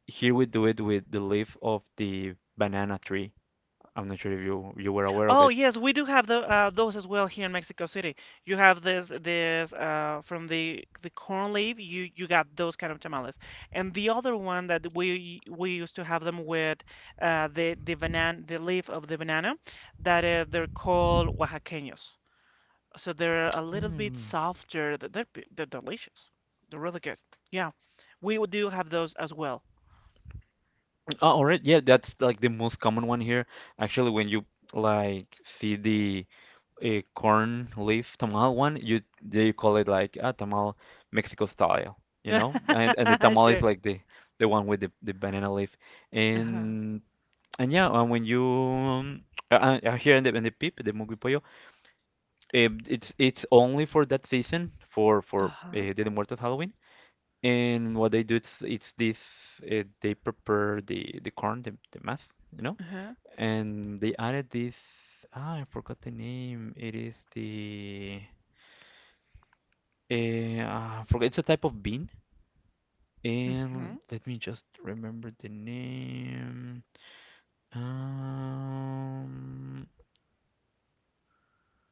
S2: Here we do it with the leaf of the banana tree. I'm not sure if you you were aware of
S1: Oh
S2: it.
S1: yes, we do have the those as well here in Mexico City. You have this from the corn leaf. You got those kind of tamales, and the other one that we used to have them with the leaf of the banana that they're called oaxaqueños. So they're a little bit
S2: Mm.
S1: softer. They're they're delicious. They're really good. Yeah, we would do have those as well.
S2: Oh, all right. Yeah, that's like the most common one here. Actually, when you like see the a corn leaf tamal one, you they call it like a tamal Mexico style, you know? And the tamal is
S1: Sure.
S2: like the one with the banana leaf.
S1: Uh-huh.
S2: And and yeah, and when you here in the PIP, the Mugipoyo, it's only for that season for
S1: Uh-huh.
S2: Dia de Muertos Halloween. And what they do it's this they prepare the corn, the mass, you know?
S1: Uh-huh.
S2: And they added this I forgot the name. It is the forget it's a type of bean. And
S1: Mhm.
S2: let me just remember the name. Um,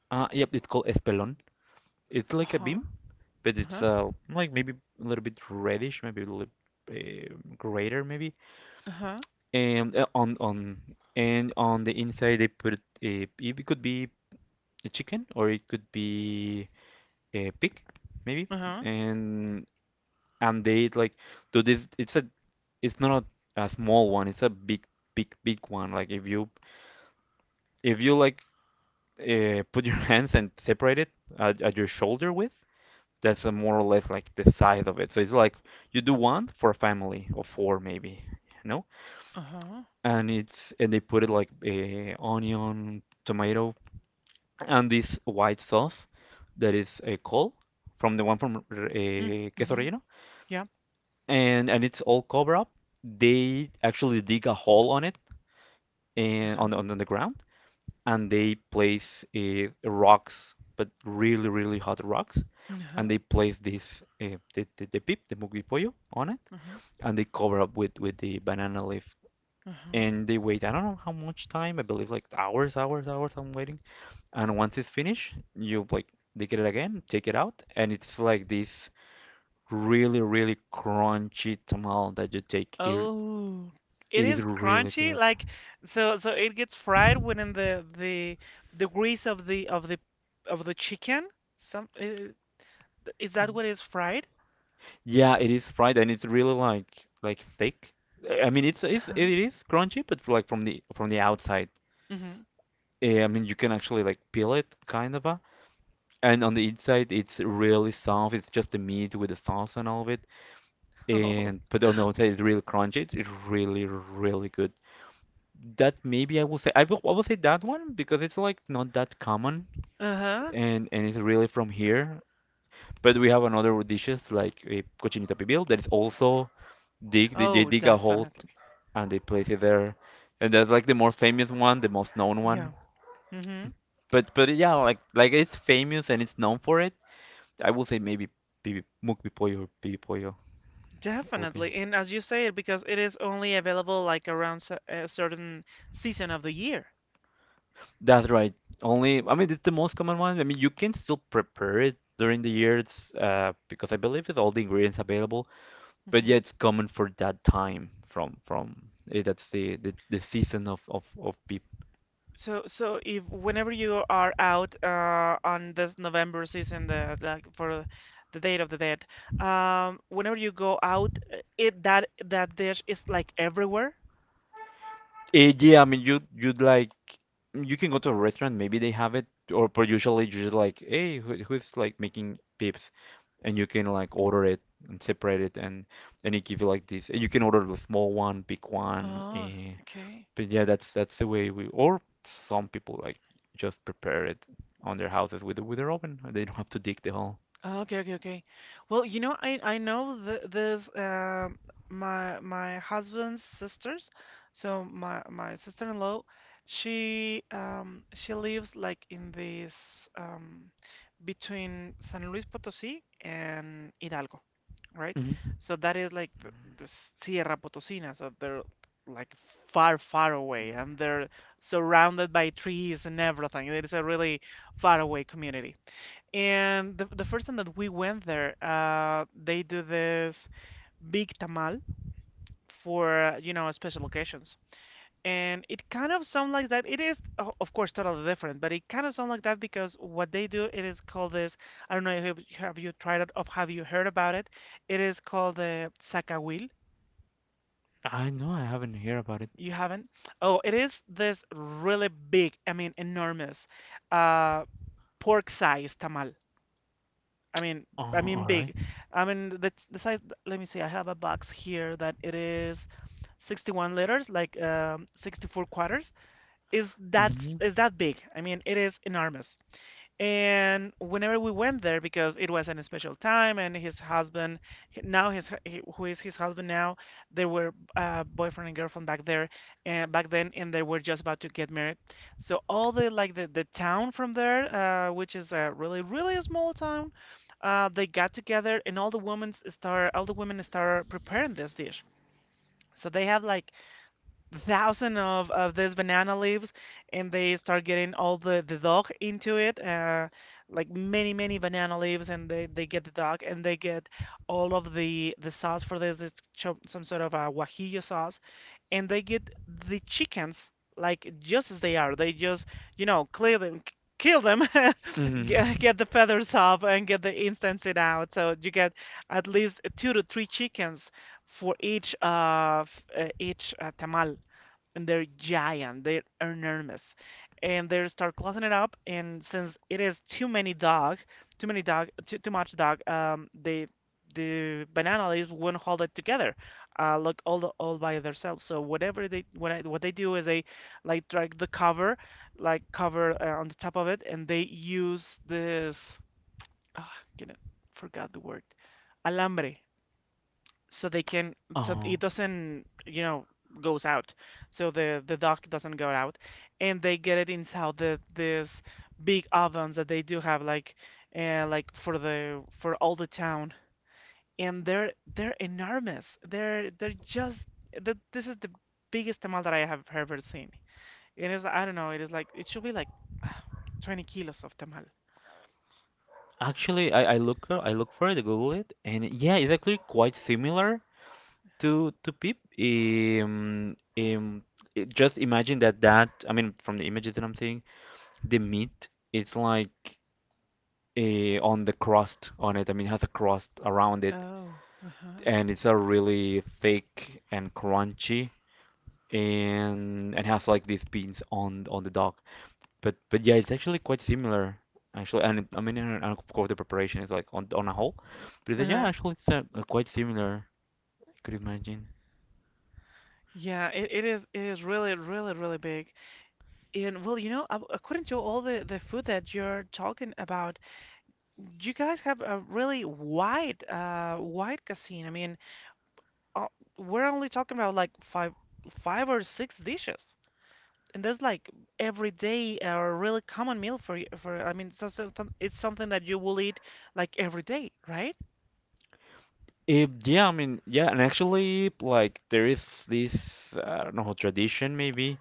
S2: yep, it's called espelon. It's like a bean,
S1: Uh-huh.
S2: but it's
S1: Uh-huh.
S2: like maybe a little bit reddish, maybe a little uh, greater, maybe.
S1: Uh-huh,
S2: And on and on the inside they put a, it could be a chicken or it could be a pig, maybe.
S1: uh-huh,
S2: And and they like do this. It's a it's not a, a small one. It's a big, big, big one. Like if you like put your hands and separate it at your shoulder width, that's a more or less like the size of it. So it's like you do one for a family of four maybe, you know,
S1: uh-huh.
S2: and it's and they put it like onion, tomato, and this white sauce that is a col from the one from
S1: Mm,
S2: queso
S1: mm-hmm.
S2: relleno
S1: Yep.
S2: and it's all covered up. They actually dig a hole on it and on
S1: Uh-huh.
S2: on the ground, and they place rocks, but really really hot rocks, and
S1: Uh-huh.
S2: they place this the pip, the mugby pollo on it,
S1: Uh-huh.
S2: and they cover up with the banana leaf.
S1: Uh-huh.
S2: And they wait, I don't know how much time, I believe like hours, hours, hours I'm waiting. And once it's finished, you like dig it again, take it out, and it's like this really, really crunchy tamal that you take here.
S1: Oh, it
S2: It is
S1: is
S2: really
S1: crunchy.
S2: good.
S1: Like so it gets fried within the grease of the chicken. Some is that what is fried?
S2: Yeah, it is fried and it's really like thick. I mean, it's it
S1: Uh-huh.
S2: is crunchy, but like from the outside.
S1: Mm-hmm.
S2: I mean, you can actually like peel it kind of a, and on the inside it's really soft. It's just the meat with the sauce and all of it.
S1: Oh.
S2: And but on the outside it's really crunchy. It's really good. That maybe I will say that one because it's like not that common
S1: Uh-huh.
S2: and it's really from here. But we have another dishes like a cochinita pibil that is also dig they
S1: Oh,
S2: dig a hole
S1: definitely.
S2: and they place it there, and that's like the most famous one, the most known
S1: Yeah.
S2: one.
S1: Mm-hmm.
S2: But yeah, it's famous and it's known for it. I would say maybe Bibi, mukbi pollo or bibi pollo will be.
S1: Definitely. And as you say it because it is only available like around a certain season of the year.
S2: That's right. Only, I mean, it's the most common one. I mean, you can still prepare it during the years because I believe it's all the ingredients available. But yeah,
S1: Mm-hmm.
S2: it's common for that time, from that's the season of beef.
S1: So if whenever you are out on this November season, the like for the Day of the Dead, whenever you go out, it that that dish is like everywhere.
S2: Yeah, I mean, you you'd like, you can go to a restaurant, maybe they have it, or but usually you're just like, hey, who's like making pips, and you can like order it and separate it, and it give you like this, and you can order the small one, big one,
S1: Oh, okay.
S2: But yeah, that's the way we, or some people like just prepare it on their houses with with their oven, and they don't have to dig the hole.
S1: Oh, okay, okay, okay. Well, you know, I know th there's my husband's sisters, so my sister-in-law, she lives like in this between San Luis Potosí and Hidalgo, right?
S2: Hmm.
S1: So that is like the Sierra Potosina, so they're like far, far away, and they're surrounded by trees and everything. It is a really far away community. And the first time that we went there, they do this big tamal for, special occasions. And it kind of sounds like that. It is, of course, totally different, but it kind of sounds like that because what they do, it is called this, I don't know if have you tried it or have you heard about it. It is called the sacagawil.
S2: I know, I haven't heard about it.
S1: You haven't? Oh, it is this really big, I mean, enormous, uh, pork-sized tamal. I mean,
S2: Oh, all right.
S1: big. I mean the size. Let me see. I have a box here that it is 61 letters, like 64 quarters.
S2: Mm-hmm.
S1: Is that big? I mean, it is enormous. And whenever we went there, because it was an special time, and his husband, now his, who is his husband now, they were boyfriend and girlfriend back there, and back then, and they were just about to get married. So all the town from there, which is a really really small town, they got together, and all the women start preparing this dish. So they have like thousand of these banana leaves, and they start getting all the dog into it, like many many banana leaves, and they get the dog, and they get all of the sauce for some sort of a guajillo sauce, and they get the chickens like just as they are. They just, you know, clear them, kill them
S2: Mm-hmm.
S1: get the feathers off and get the instance it out, so you get at least two to three chickens for each each tamal, and they're giant, they're enormous. And they start closing it up, and since it is too many dog, too much dog, they, the banana leaves wouldn't hold it together, like all the, all by themselves. So what they do is they like drag the cover, like cover, on the top of it, and they use this. Oh, I forgot the word. Alambre, so they can, so it doesn't, you know, goes out, so the duck doesn't go out, and they get it inside the this big ovens that they do have, like, like for the for all the town. And they're enormous, they're just the, this is the biggest tamal that I have ever seen. It is, I don't know, it is like it should be like 20 kilos of tamal.
S2: Actually, I look I look for it, I Google it, and yeah, it's actually quite similar to Pip. Just imagine that I mean from the images that I'm seeing, the meat it's like on the crust on it. I mean, it has a crust around it,
S1: Oh. Uh-huh.
S2: and it's a really thick and crunchy, and has like these beans on the dog. But yeah, it's actually quite similar actually, and it, I mean, and of course the preparation is like on a whole, but yeah,
S1: Uh-huh.
S2: actually it's quite similar. I could imagine.
S1: Yeah, it is, it is really really really big. And well, you know, according to all the food that you're talking about, you guys have a really wide wide cuisine. I mean, uh, we're only talking about like five or six dishes. And there's like every day a really common meal for you, for, I mean, it's something that you will eat like every day, right?
S2: Yeah, I mean, yeah, and actually, like there is this, I don't know, tradition maybe.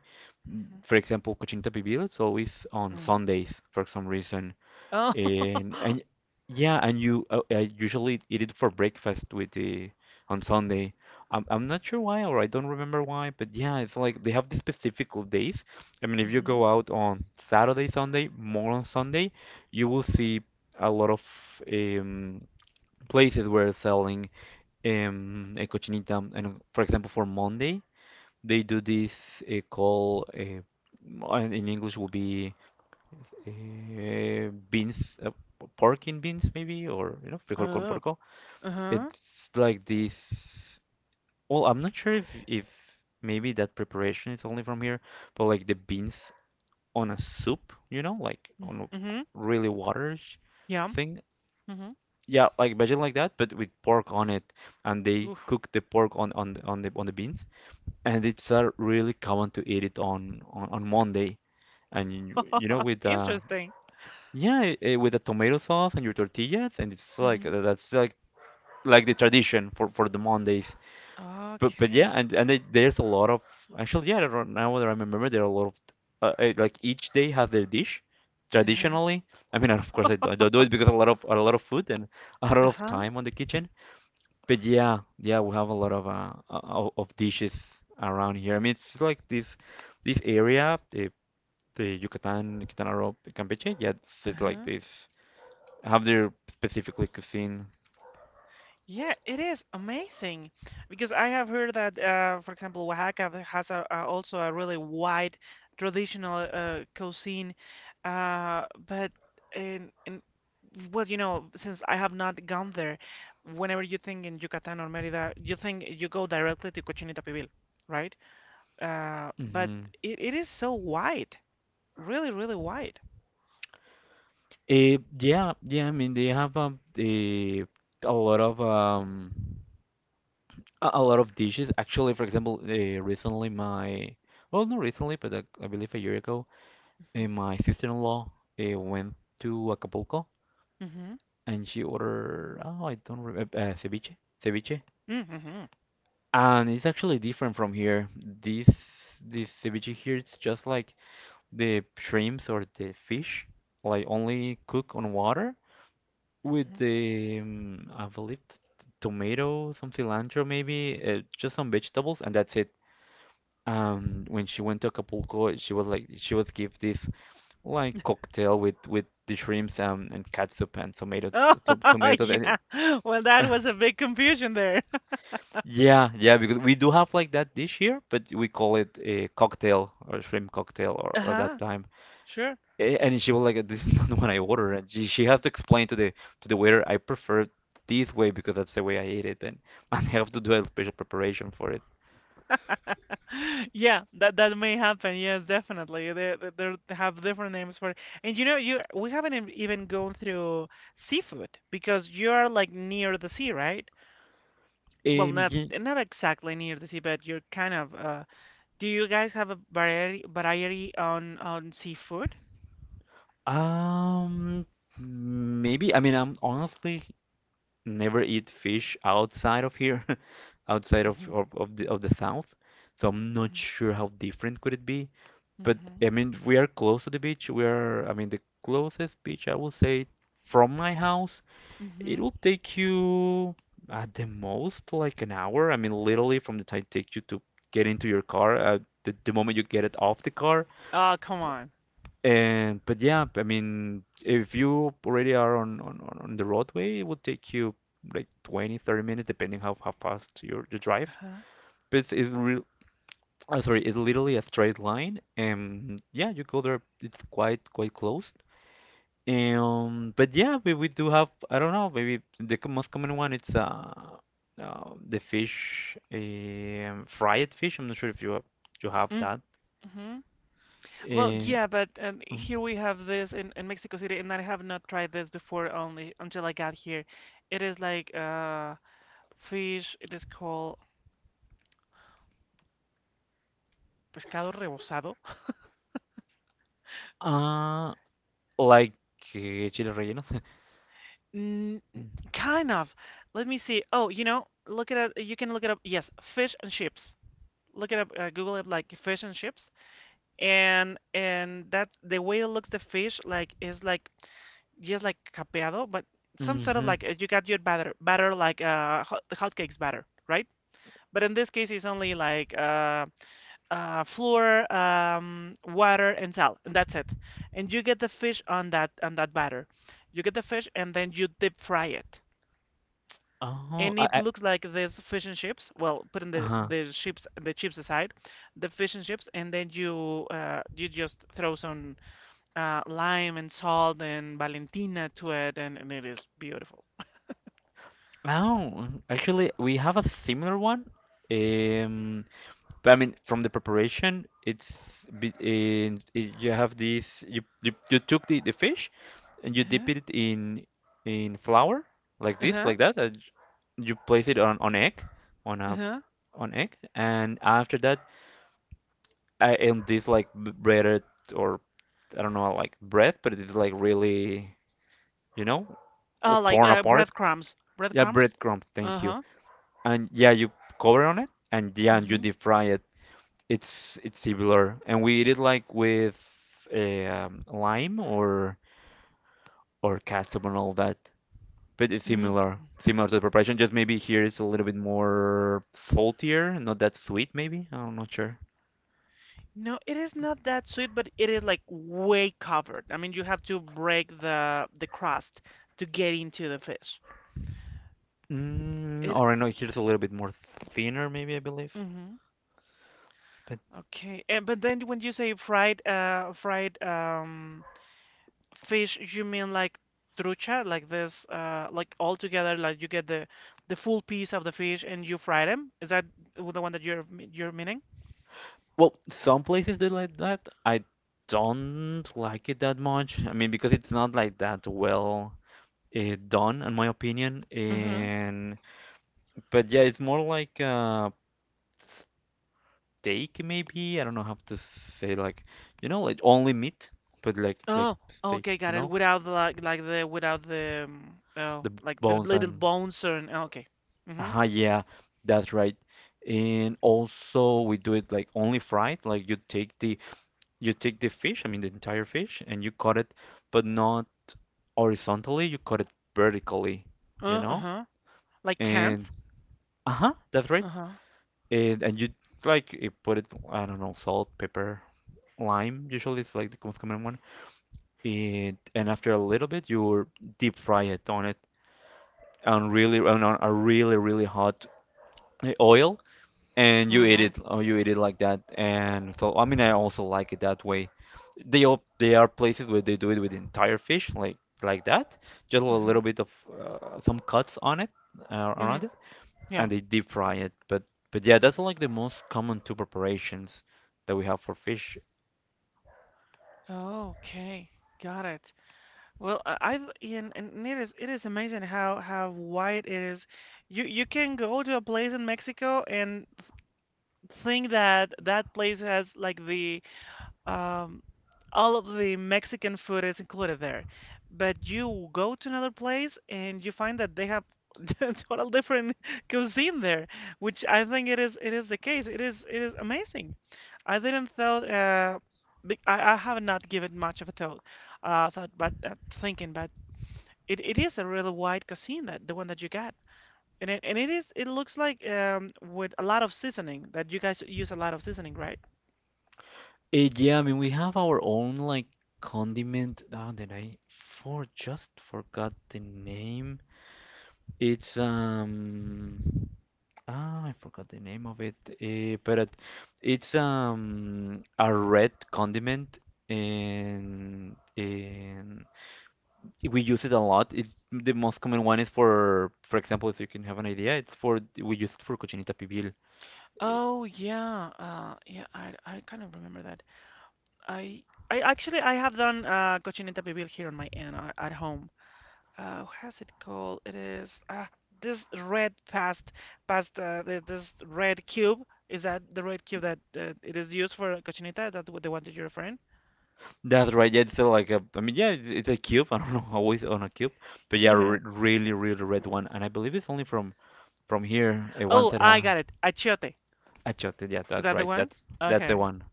S1: Mm-hmm.
S2: For example, Cochinita Pibil, it's always on
S1: Mm.
S2: Sundays for some reason.
S1: Oh.
S2: And and yeah, and you I usually eat it for breakfast with the on Sunday. I'm not sure why or I don't remember why, but yeah, it's like they have these specific days. I mean, if you
S1: Hmm.
S2: go out on Saturday, Sunday, more on Sunday, you will see a lot of um, places where selling a cochinita. And for example, for Monday, they do this call. In English, will be beans, pork in beans maybe, or you know, frijol con
S1: Oh.
S2: porco.
S1: Uh-huh.
S2: It's like this. Well, I'm not sure if maybe that preparation is only from here, but like the beans on a soup, you know, like on a
S1: Mm-hmm.
S2: really waters
S1: Yeah.
S2: thing.
S1: Mm-hmm.
S2: Yeah, like imagine like that, but with pork on it, and they
S1: Oof.
S2: cook the pork on on the beans, and it's really common to eat it on Monday, and you know with uh.
S1: Interesting.
S2: Yeah, with the tomato sauce and your tortillas, and it's like that's like the tradition for the Mondays. But yeah,
S1: Okay.
S2: and they, there's a lot of actually, yeah. Now that I remember, there are a lot of like each day have their dish
S1: Uh-huh.
S2: traditionally. I mean, of course, I don't do it because a lot of food and a lot of
S1: Uh-huh.
S2: time on the kitchen. But yeah, yeah, we have a lot of of dishes around here. I mean, it's like this area, the Yucatan, Quintana Roo, Campeche. Yeah, it's like
S1: Uh-huh.
S2: this have their specifically cuisine.
S1: Yeah, it is amazing because I have heard that, for example, Oaxaca has also a really wide traditional, cuisine, but in, well, you know, since I have not gone there, whenever you think in Yucatan or Mérida, you think you go directly to Cochinita Pibil, right? But
S2: Hmm.
S1: it is so wide, really, really wide.
S2: Yeah, yeah. I mean, they have a lot of um a lot of dishes. Actually, for example, recently my, well, not recently, but I believe a year ago,
S1: Mm-hmm.
S2: my sister-in-law went to Acapulco, and she ordered, oh, I don't remember, ceviche,
S1: Mm-hmm.
S2: and it's actually different from here. This ceviche here, it's just like the shrimps or the fish, like only cook on water with
S1: Mm-hmm.
S2: the, I believe, tomato, some cilantro maybe, just some vegetables, and that's it. When she went to Acapulco, she was like, she was give this like cocktail with the shrimps and catsup and tomato,
S1: Oh,
S2: to tomato sauce. And it,
S1: yeah. Well, that was a big confusion there.
S2: yeah, yeah, because we do have like that dish here, but we call it a cocktail or shrimp cocktail or that
S1: Uh-huh.
S2: time.
S1: Sure.
S2: And she was like, "This is not what I ordered." And she has to explain to the waiter, "I prefer this way because that's the way I eat it, and and I have to do a special preparation for it."
S1: Yeah, that may happen. Yes, definitely. They have different names for it. And you know, you we haven't even gone through seafood because you're like near the sea, right? Well,
S2: Um,
S1: not
S2: ye-
S1: not exactly near the sea, but you're kind of, do you guys have a variety on seafood?
S2: um, Maybe. I mean, I'm honestly never eat fish outside of here, outside
S1: Mhm.
S2: of the south. So I'm not
S1: Mhm.
S2: sure how different could it be. But
S1: Mhm.
S2: I mean, we are close to the beach. We are, I mean, the closest beach I will say from my house,
S1: Mhm.
S2: it'll take you at the most like an hour. I mean, literally from the time it takes you to get into your car, the moment you get it off the car.
S1: Oh, come on.
S2: And but yeah, I mean, if you already are on the roadway, it will take you like 20 30 minutes, depending how fast your you drive.
S1: Uh-huh.
S2: But it's real. Oh, sorry, it's literally a straight line, and yeah, you go there. It's quite quite close. But yeah, we do have, I don't know, maybe most common one it's the fish, fried fish. I'm not sure if you have you have that.
S1: Mm. Well,
S2: Uh,
S1: yeah, but
S2: mm.
S1: here we have this in Mexico City, and I have not tried this before only until I got here. It is like, fish, it is called pescado rebozado.
S2: uh like chile relleno.
S1: Mm,
S2: Mm.
S1: kind of. Let me see. Oh, you know, look it up. You can look it up. Yes, fish and chips. Look it up. Google it like fish and chips, and that's the way it looks. The fish like is like just like capeado, but some sort of
S2: Mm-hmm.
S1: like, you got your batter, like, hotcakes batter, right? But in this case, it's only like, flour, water, and salt, and that's it. And you get the fish on that, on that batter. You get the fish, and then you deep fry it.
S2: Oh,
S1: And it
S2: I
S1: looks like this fish and chips. Well, putting
S2: uh-huh.
S1: the chips aside, the fish and chips, and then you, you just throw some, lime and salt and Valentina to it, and it is beautiful.
S2: Oh, actually, we have a similar one. Um, but I mean, from the preparation, it's and it, you have this. You took the fish, and you dip
S1: Uh-huh,
S2: it in flour, like this,
S1: uh-huh,
S2: like that. And you place it on egg, on a
S1: uh-huh.
S2: on egg, and after that, I and this like breaded or I don't know like bread, but it's like really, you know, all
S1: Oh, like,
S2: torn apart. Yeah,
S1: breadcrumbs.
S2: breadcrumbs. Thank you.
S1: Uh-huh.
S2: And yeah, you cover on it, and yeah, and you
S1: Mhm.
S2: deep fry it. It's similar, and we eat it like with lime or ketchup and all that. But it's
S1: Mm.
S2: similar, similar to the preparation. Just maybe here it's a little bit more saltier, not that sweet, maybe. I'm not sure.
S1: No, it is not that sweet, but it is like way covered. I mean, you have to break the crust to get into the fish.
S2: Mm,
S1: It.
S2: or I know here's a little bit more thinner, maybe I believe.
S1: Hmm.
S2: But
S1: Okay. And, but then when you say fried, fish, you mean like trucha, like this, like all together, like you get the full piece of the fish and you fry them. Is that the one that you're meaning?
S2: well, some places do like that. I don't like it that much. I mean, because it's not like that well done, in my opinion. And but yeah, it's more like steak, maybe. I don't know how to say like you know, like only meat, but like
S1: Oh,
S2: steak,
S1: okay,
S2: you
S1: got it.
S2: know.
S1: Without the, like the, without the,
S2: The
S1: like the
S2: bones
S1: little
S2: and
S1: bones, and okay. Mhm.
S2: ah yeah, that's right. And also we do it like only fried, like you take the fish, I mean the entire fish, and you cut it, but not horizontally, you cut it vertically, you know?
S1: Uh-huh. Like
S2: And
S1: cans?
S2: uh-huh, that's right.
S1: Uh-huh.
S2: And you like you put it, I don't know, salt, pepper, lime. Usually it's like the most common one. And after a little bit, you deep fry it on it on really on a really really hot oil, and you eat
S1: Mhm.
S2: it, or you eat it like that. And so I mean I also like it that way. They all they are places where they do it with entire fish like that, just a little
S1: Uh-huh.
S2: bit of some cuts on it
S1: Mhm.
S2: around it,
S1: Yeah.
S2: and they deep fry it. But yeah, that's like the most common two preparations that we have for fish.
S1: Okay. Got it. Well, I've, and it is, it is amazing how wide it is. You can go to a place in Mexico and th think that that place has like the, um, all of the Mexican food is included there. But you go to another place and you find that they have a total different cuisine there, which I think it is, it is the case. It is, it is amazing. I didn't thought, I have not given much of a thought thought but thinking, but it is a really wide cuisine that the one that you got. And and it is, it looks like, um, with a lot of seasoning, that you guys use a lot of seasoning, right?
S2: Yeah, I mean we have our own like condiment. Oh, did I for just forgot the name. It's um. Ah, I forgot the name of it. But it's a red condiment, and we use it a lot. It's the most common one is for example, so you can have an idea, it's for we use it for cochinita pibil. Eh,
S1: Oh yeah, yeah. I kind of remember that. I I actually I have done, cochinita pibil here on my end, at home. How's it called? It is, this red past, this red cube. Is that the red cube that, it is used for cochinita? That's what the one that you're referring?
S2: That's right. Yeah, it's like a, I mean, yeah, it's a cube. I don't know how it's on a cube, but yeah, re
S1: Yeah.
S2: really, really red one. And I believe it's only from here. One
S1: Oh,
S2: side,
S1: I got it. Achiote.
S2: Achote. Yeah,
S1: Is
S2: that's
S1: that the
S2: right.
S1: one?
S2: That's the
S1: Okay.
S2: one.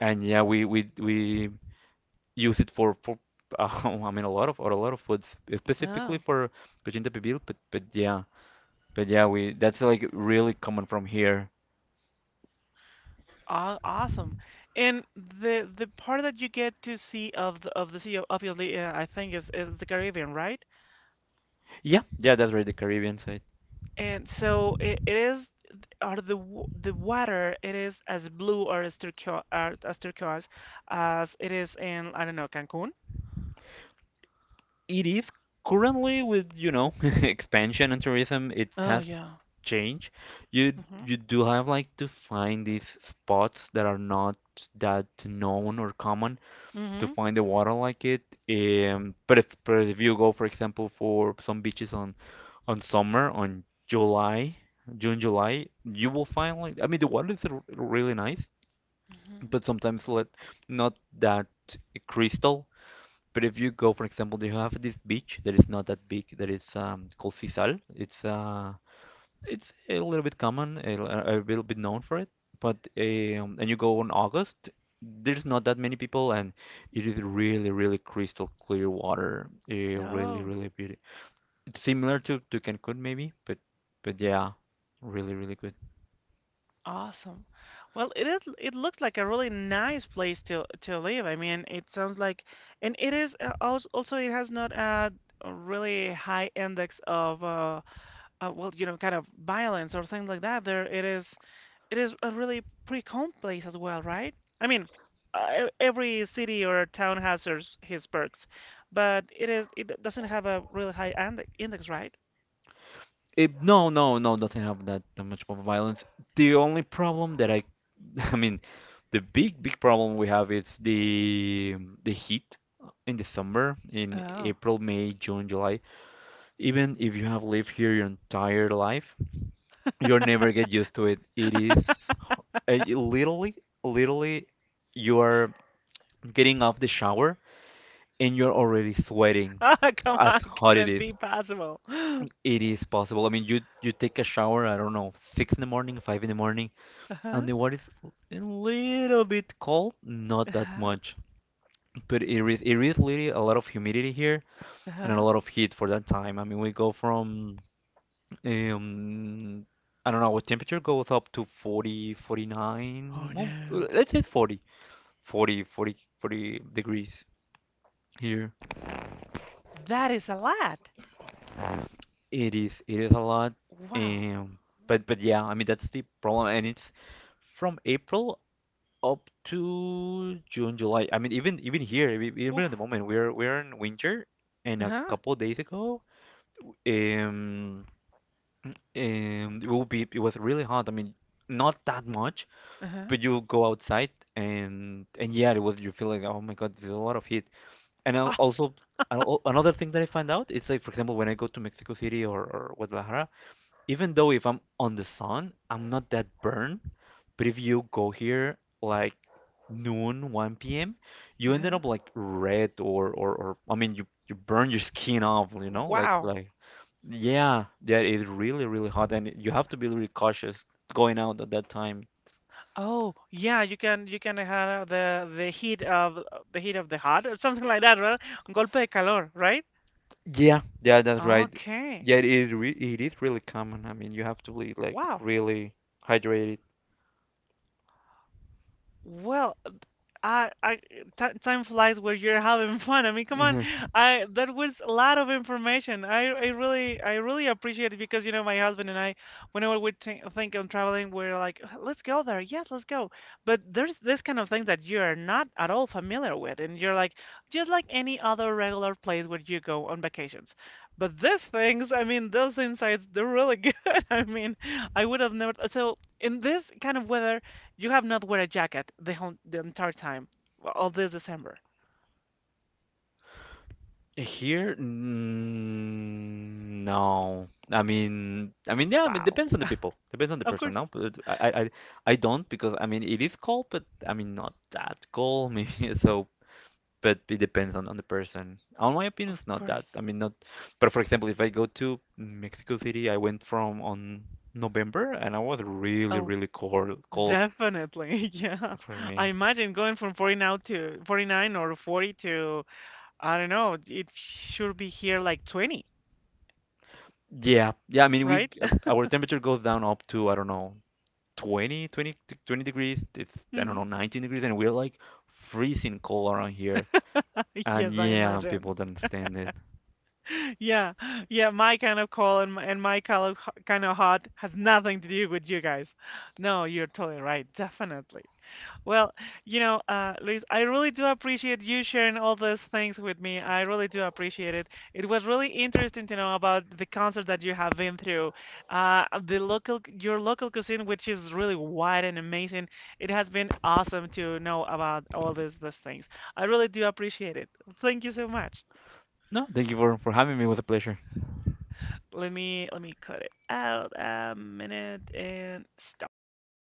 S2: And yeah, we use it for I mean a lot of foods, specifically
S1: Oh,
S2: for cochinita pibil, but yeah we that's like really common from here.
S1: awesome. And the part that you get to see of the sea, obviously, I think is the Caribbean, right?
S2: Yeah, yeah, that's right, the Caribbean side.
S1: And so it is, or the water, it is as blue or as turquoise, as it is in, I don't know, Cancun.
S2: It is currently, with expansion and tourism, it
S1: Oh
S2: has
S1: yeah.
S2: changed. you
S1: Hmm.
S2: you do have like to find these spots that are not that known or common to
S1: Hmm.
S2: find the water like it. But if you go, for example, for some beaches on summer, on July, June, July, you will find, like, I mean the water is r really nice,
S1: Hmm.
S2: but sometimes, let not that crystal. But if you go, for example, you have this beach that is not that big, that is, called Sisal. It's, it's a little bit common, a little bit known for it. But and you go in August, there's not that many people, and it is really, really crystal clear water. Really,
S1: Oh,
S2: really beauty. It's similar to Cancun maybe, but but yeah, really, really good.
S1: awesome. Well, it is, it looks like a really nice place to live. I mean, it sounds like, and it is, also it has not a really high index of, well, you know, kind of violence or things like that. There, it is, it is a really pretty calm place as well, right? I mean, e- every city or town has his perks, but it is, it doesn't have a really high index, right?
S2: No, no, no, doesn't have that, much of violence. The only problem that I, I mean, the big big problem we have is the heat in the summer, in
S1: Oh,
S2: April, May, June, July. Even if you have lived here your entire life, you'll never get used to it. It is, you literally you are getting off the shower and you're already sweating,
S1: come
S2: as
S1: on, can
S2: hot it
S1: it
S2: is.
S1: be possible?
S2: It is possible. I mean, you take a shower, I don't know, 6 in the morning, 5 in the morning,
S1: Uh-huh,
S2: and the water is a little bit cold, not that
S1: uh-huh,
S2: much, but it is really a lot of humidity here and a
S1: uh-huh.
S2: lot of heat for that time. I mean, we go from, um I don't know, our temperature goes up to forty
S1: Oh
S2: forty-nine, well,
S1: no,
S2: let's say 40, 40, 40, 40 degrees here.
S1: that is a lot.
S2: It is a lot,
S1: Wow.
S2: um, but I mean, that's the problem, and it's from April up to June, July. I mean, even here, even at the
S1: Oof.
S2: moment, we're in winter, and a
S1: Uh-huh,
S2: couple days ago, um, it will be it was really hot. I mean, not that much,
S1: uh-huh.
S2: but you go outside, and yeah, it was, you feel like, oh my God, there's a lot of heat. And I'll
S1: Ah,
S2: also, another thing that I find out is, like, for example, when I go to Mexico City, or Guadalajara, even though if I'm on the sun, I'm not that burned. But if you go here, like, noon, 1 p.m., you ended
S1: uh-huh.
S2: up like red, or I mean, you burn your skin off, you know?
S1: Wow.
S2: Yeah, yeah, it's really really hot, and you have to be really cautious going out at that time.
S1: Oh, yeah, you can, you can have the heat of the heart or something like that, right? Golpe de calor, right?
S2: Yeah, yeah, that's right.
S1: Okay.
S2: Yeah, it is re it is really common. I mean, you have to be like
S1: Wow.
S2: really hydrated.
S1: Well, I, t time flies where you're having fun. I mean, come on, I that was a lot of information. I really appreciate it because you know my husband and I, whenever we think on traveling, we're like, let's go there, yes, let's go. But there's this kind of things that you're not at all familiar with, and you're like, just like any other regular place where you go on vacations. But these things, I mean, those insights, they're really good. I mean, I would have never. So in this kind of weather. You have not wear a jacket the entire time, well, all this December.
S2: Here, no. I mean, yeah. I mean,
S1: Wow.
S2: depends on the people. Depends on the
S1: Of
S2: person.
S1: course,
S2: No, but I don't, because I mean, it is cold, but I mean, not that cold. Maybe so. But it depends on, the person. On my opinion,
S1: of
S2: it's not that.
S1: course.
S2: I mean, not. But for example, if I go to Mexico City, I went from on November, and I was really,
S1: Oh,
S2: really cold, cold
S1: definitely. Yeah.
S2: for
S1: I
S2: me.
S1: imagine going from 49 to 49 or 40 to I don't know, it should be here like 20,
S2: Yeah, yeah. I mean, we,
S1: right?
S2: our temperature goes down up to, I don't know, 20, 20, 20 degrees. It's, I don't know, 19 degrees, and we're like freezing cold around here. And
S1: Yes, I
S2: yeah,
S1: imagine.
S2: people don't understand it.
S1: Yeah, yeah, my kind of cold and my kind of kind of hot has nothing to do with you guys. No, you're totally right, definitely. Well, you know, Luis, I really do appreciate you sharing all those things with me. I really do appreciate it. It was really interesting to know about the concert that you have been through, the local, your local cuisine, which is really wide and amazing. It has been awesome to know about all these things. I really do appreciate it. Thank you so much.
S2: No, thank you for having me. It was a pleasure.
S1: Let me cut it out a minute and stop.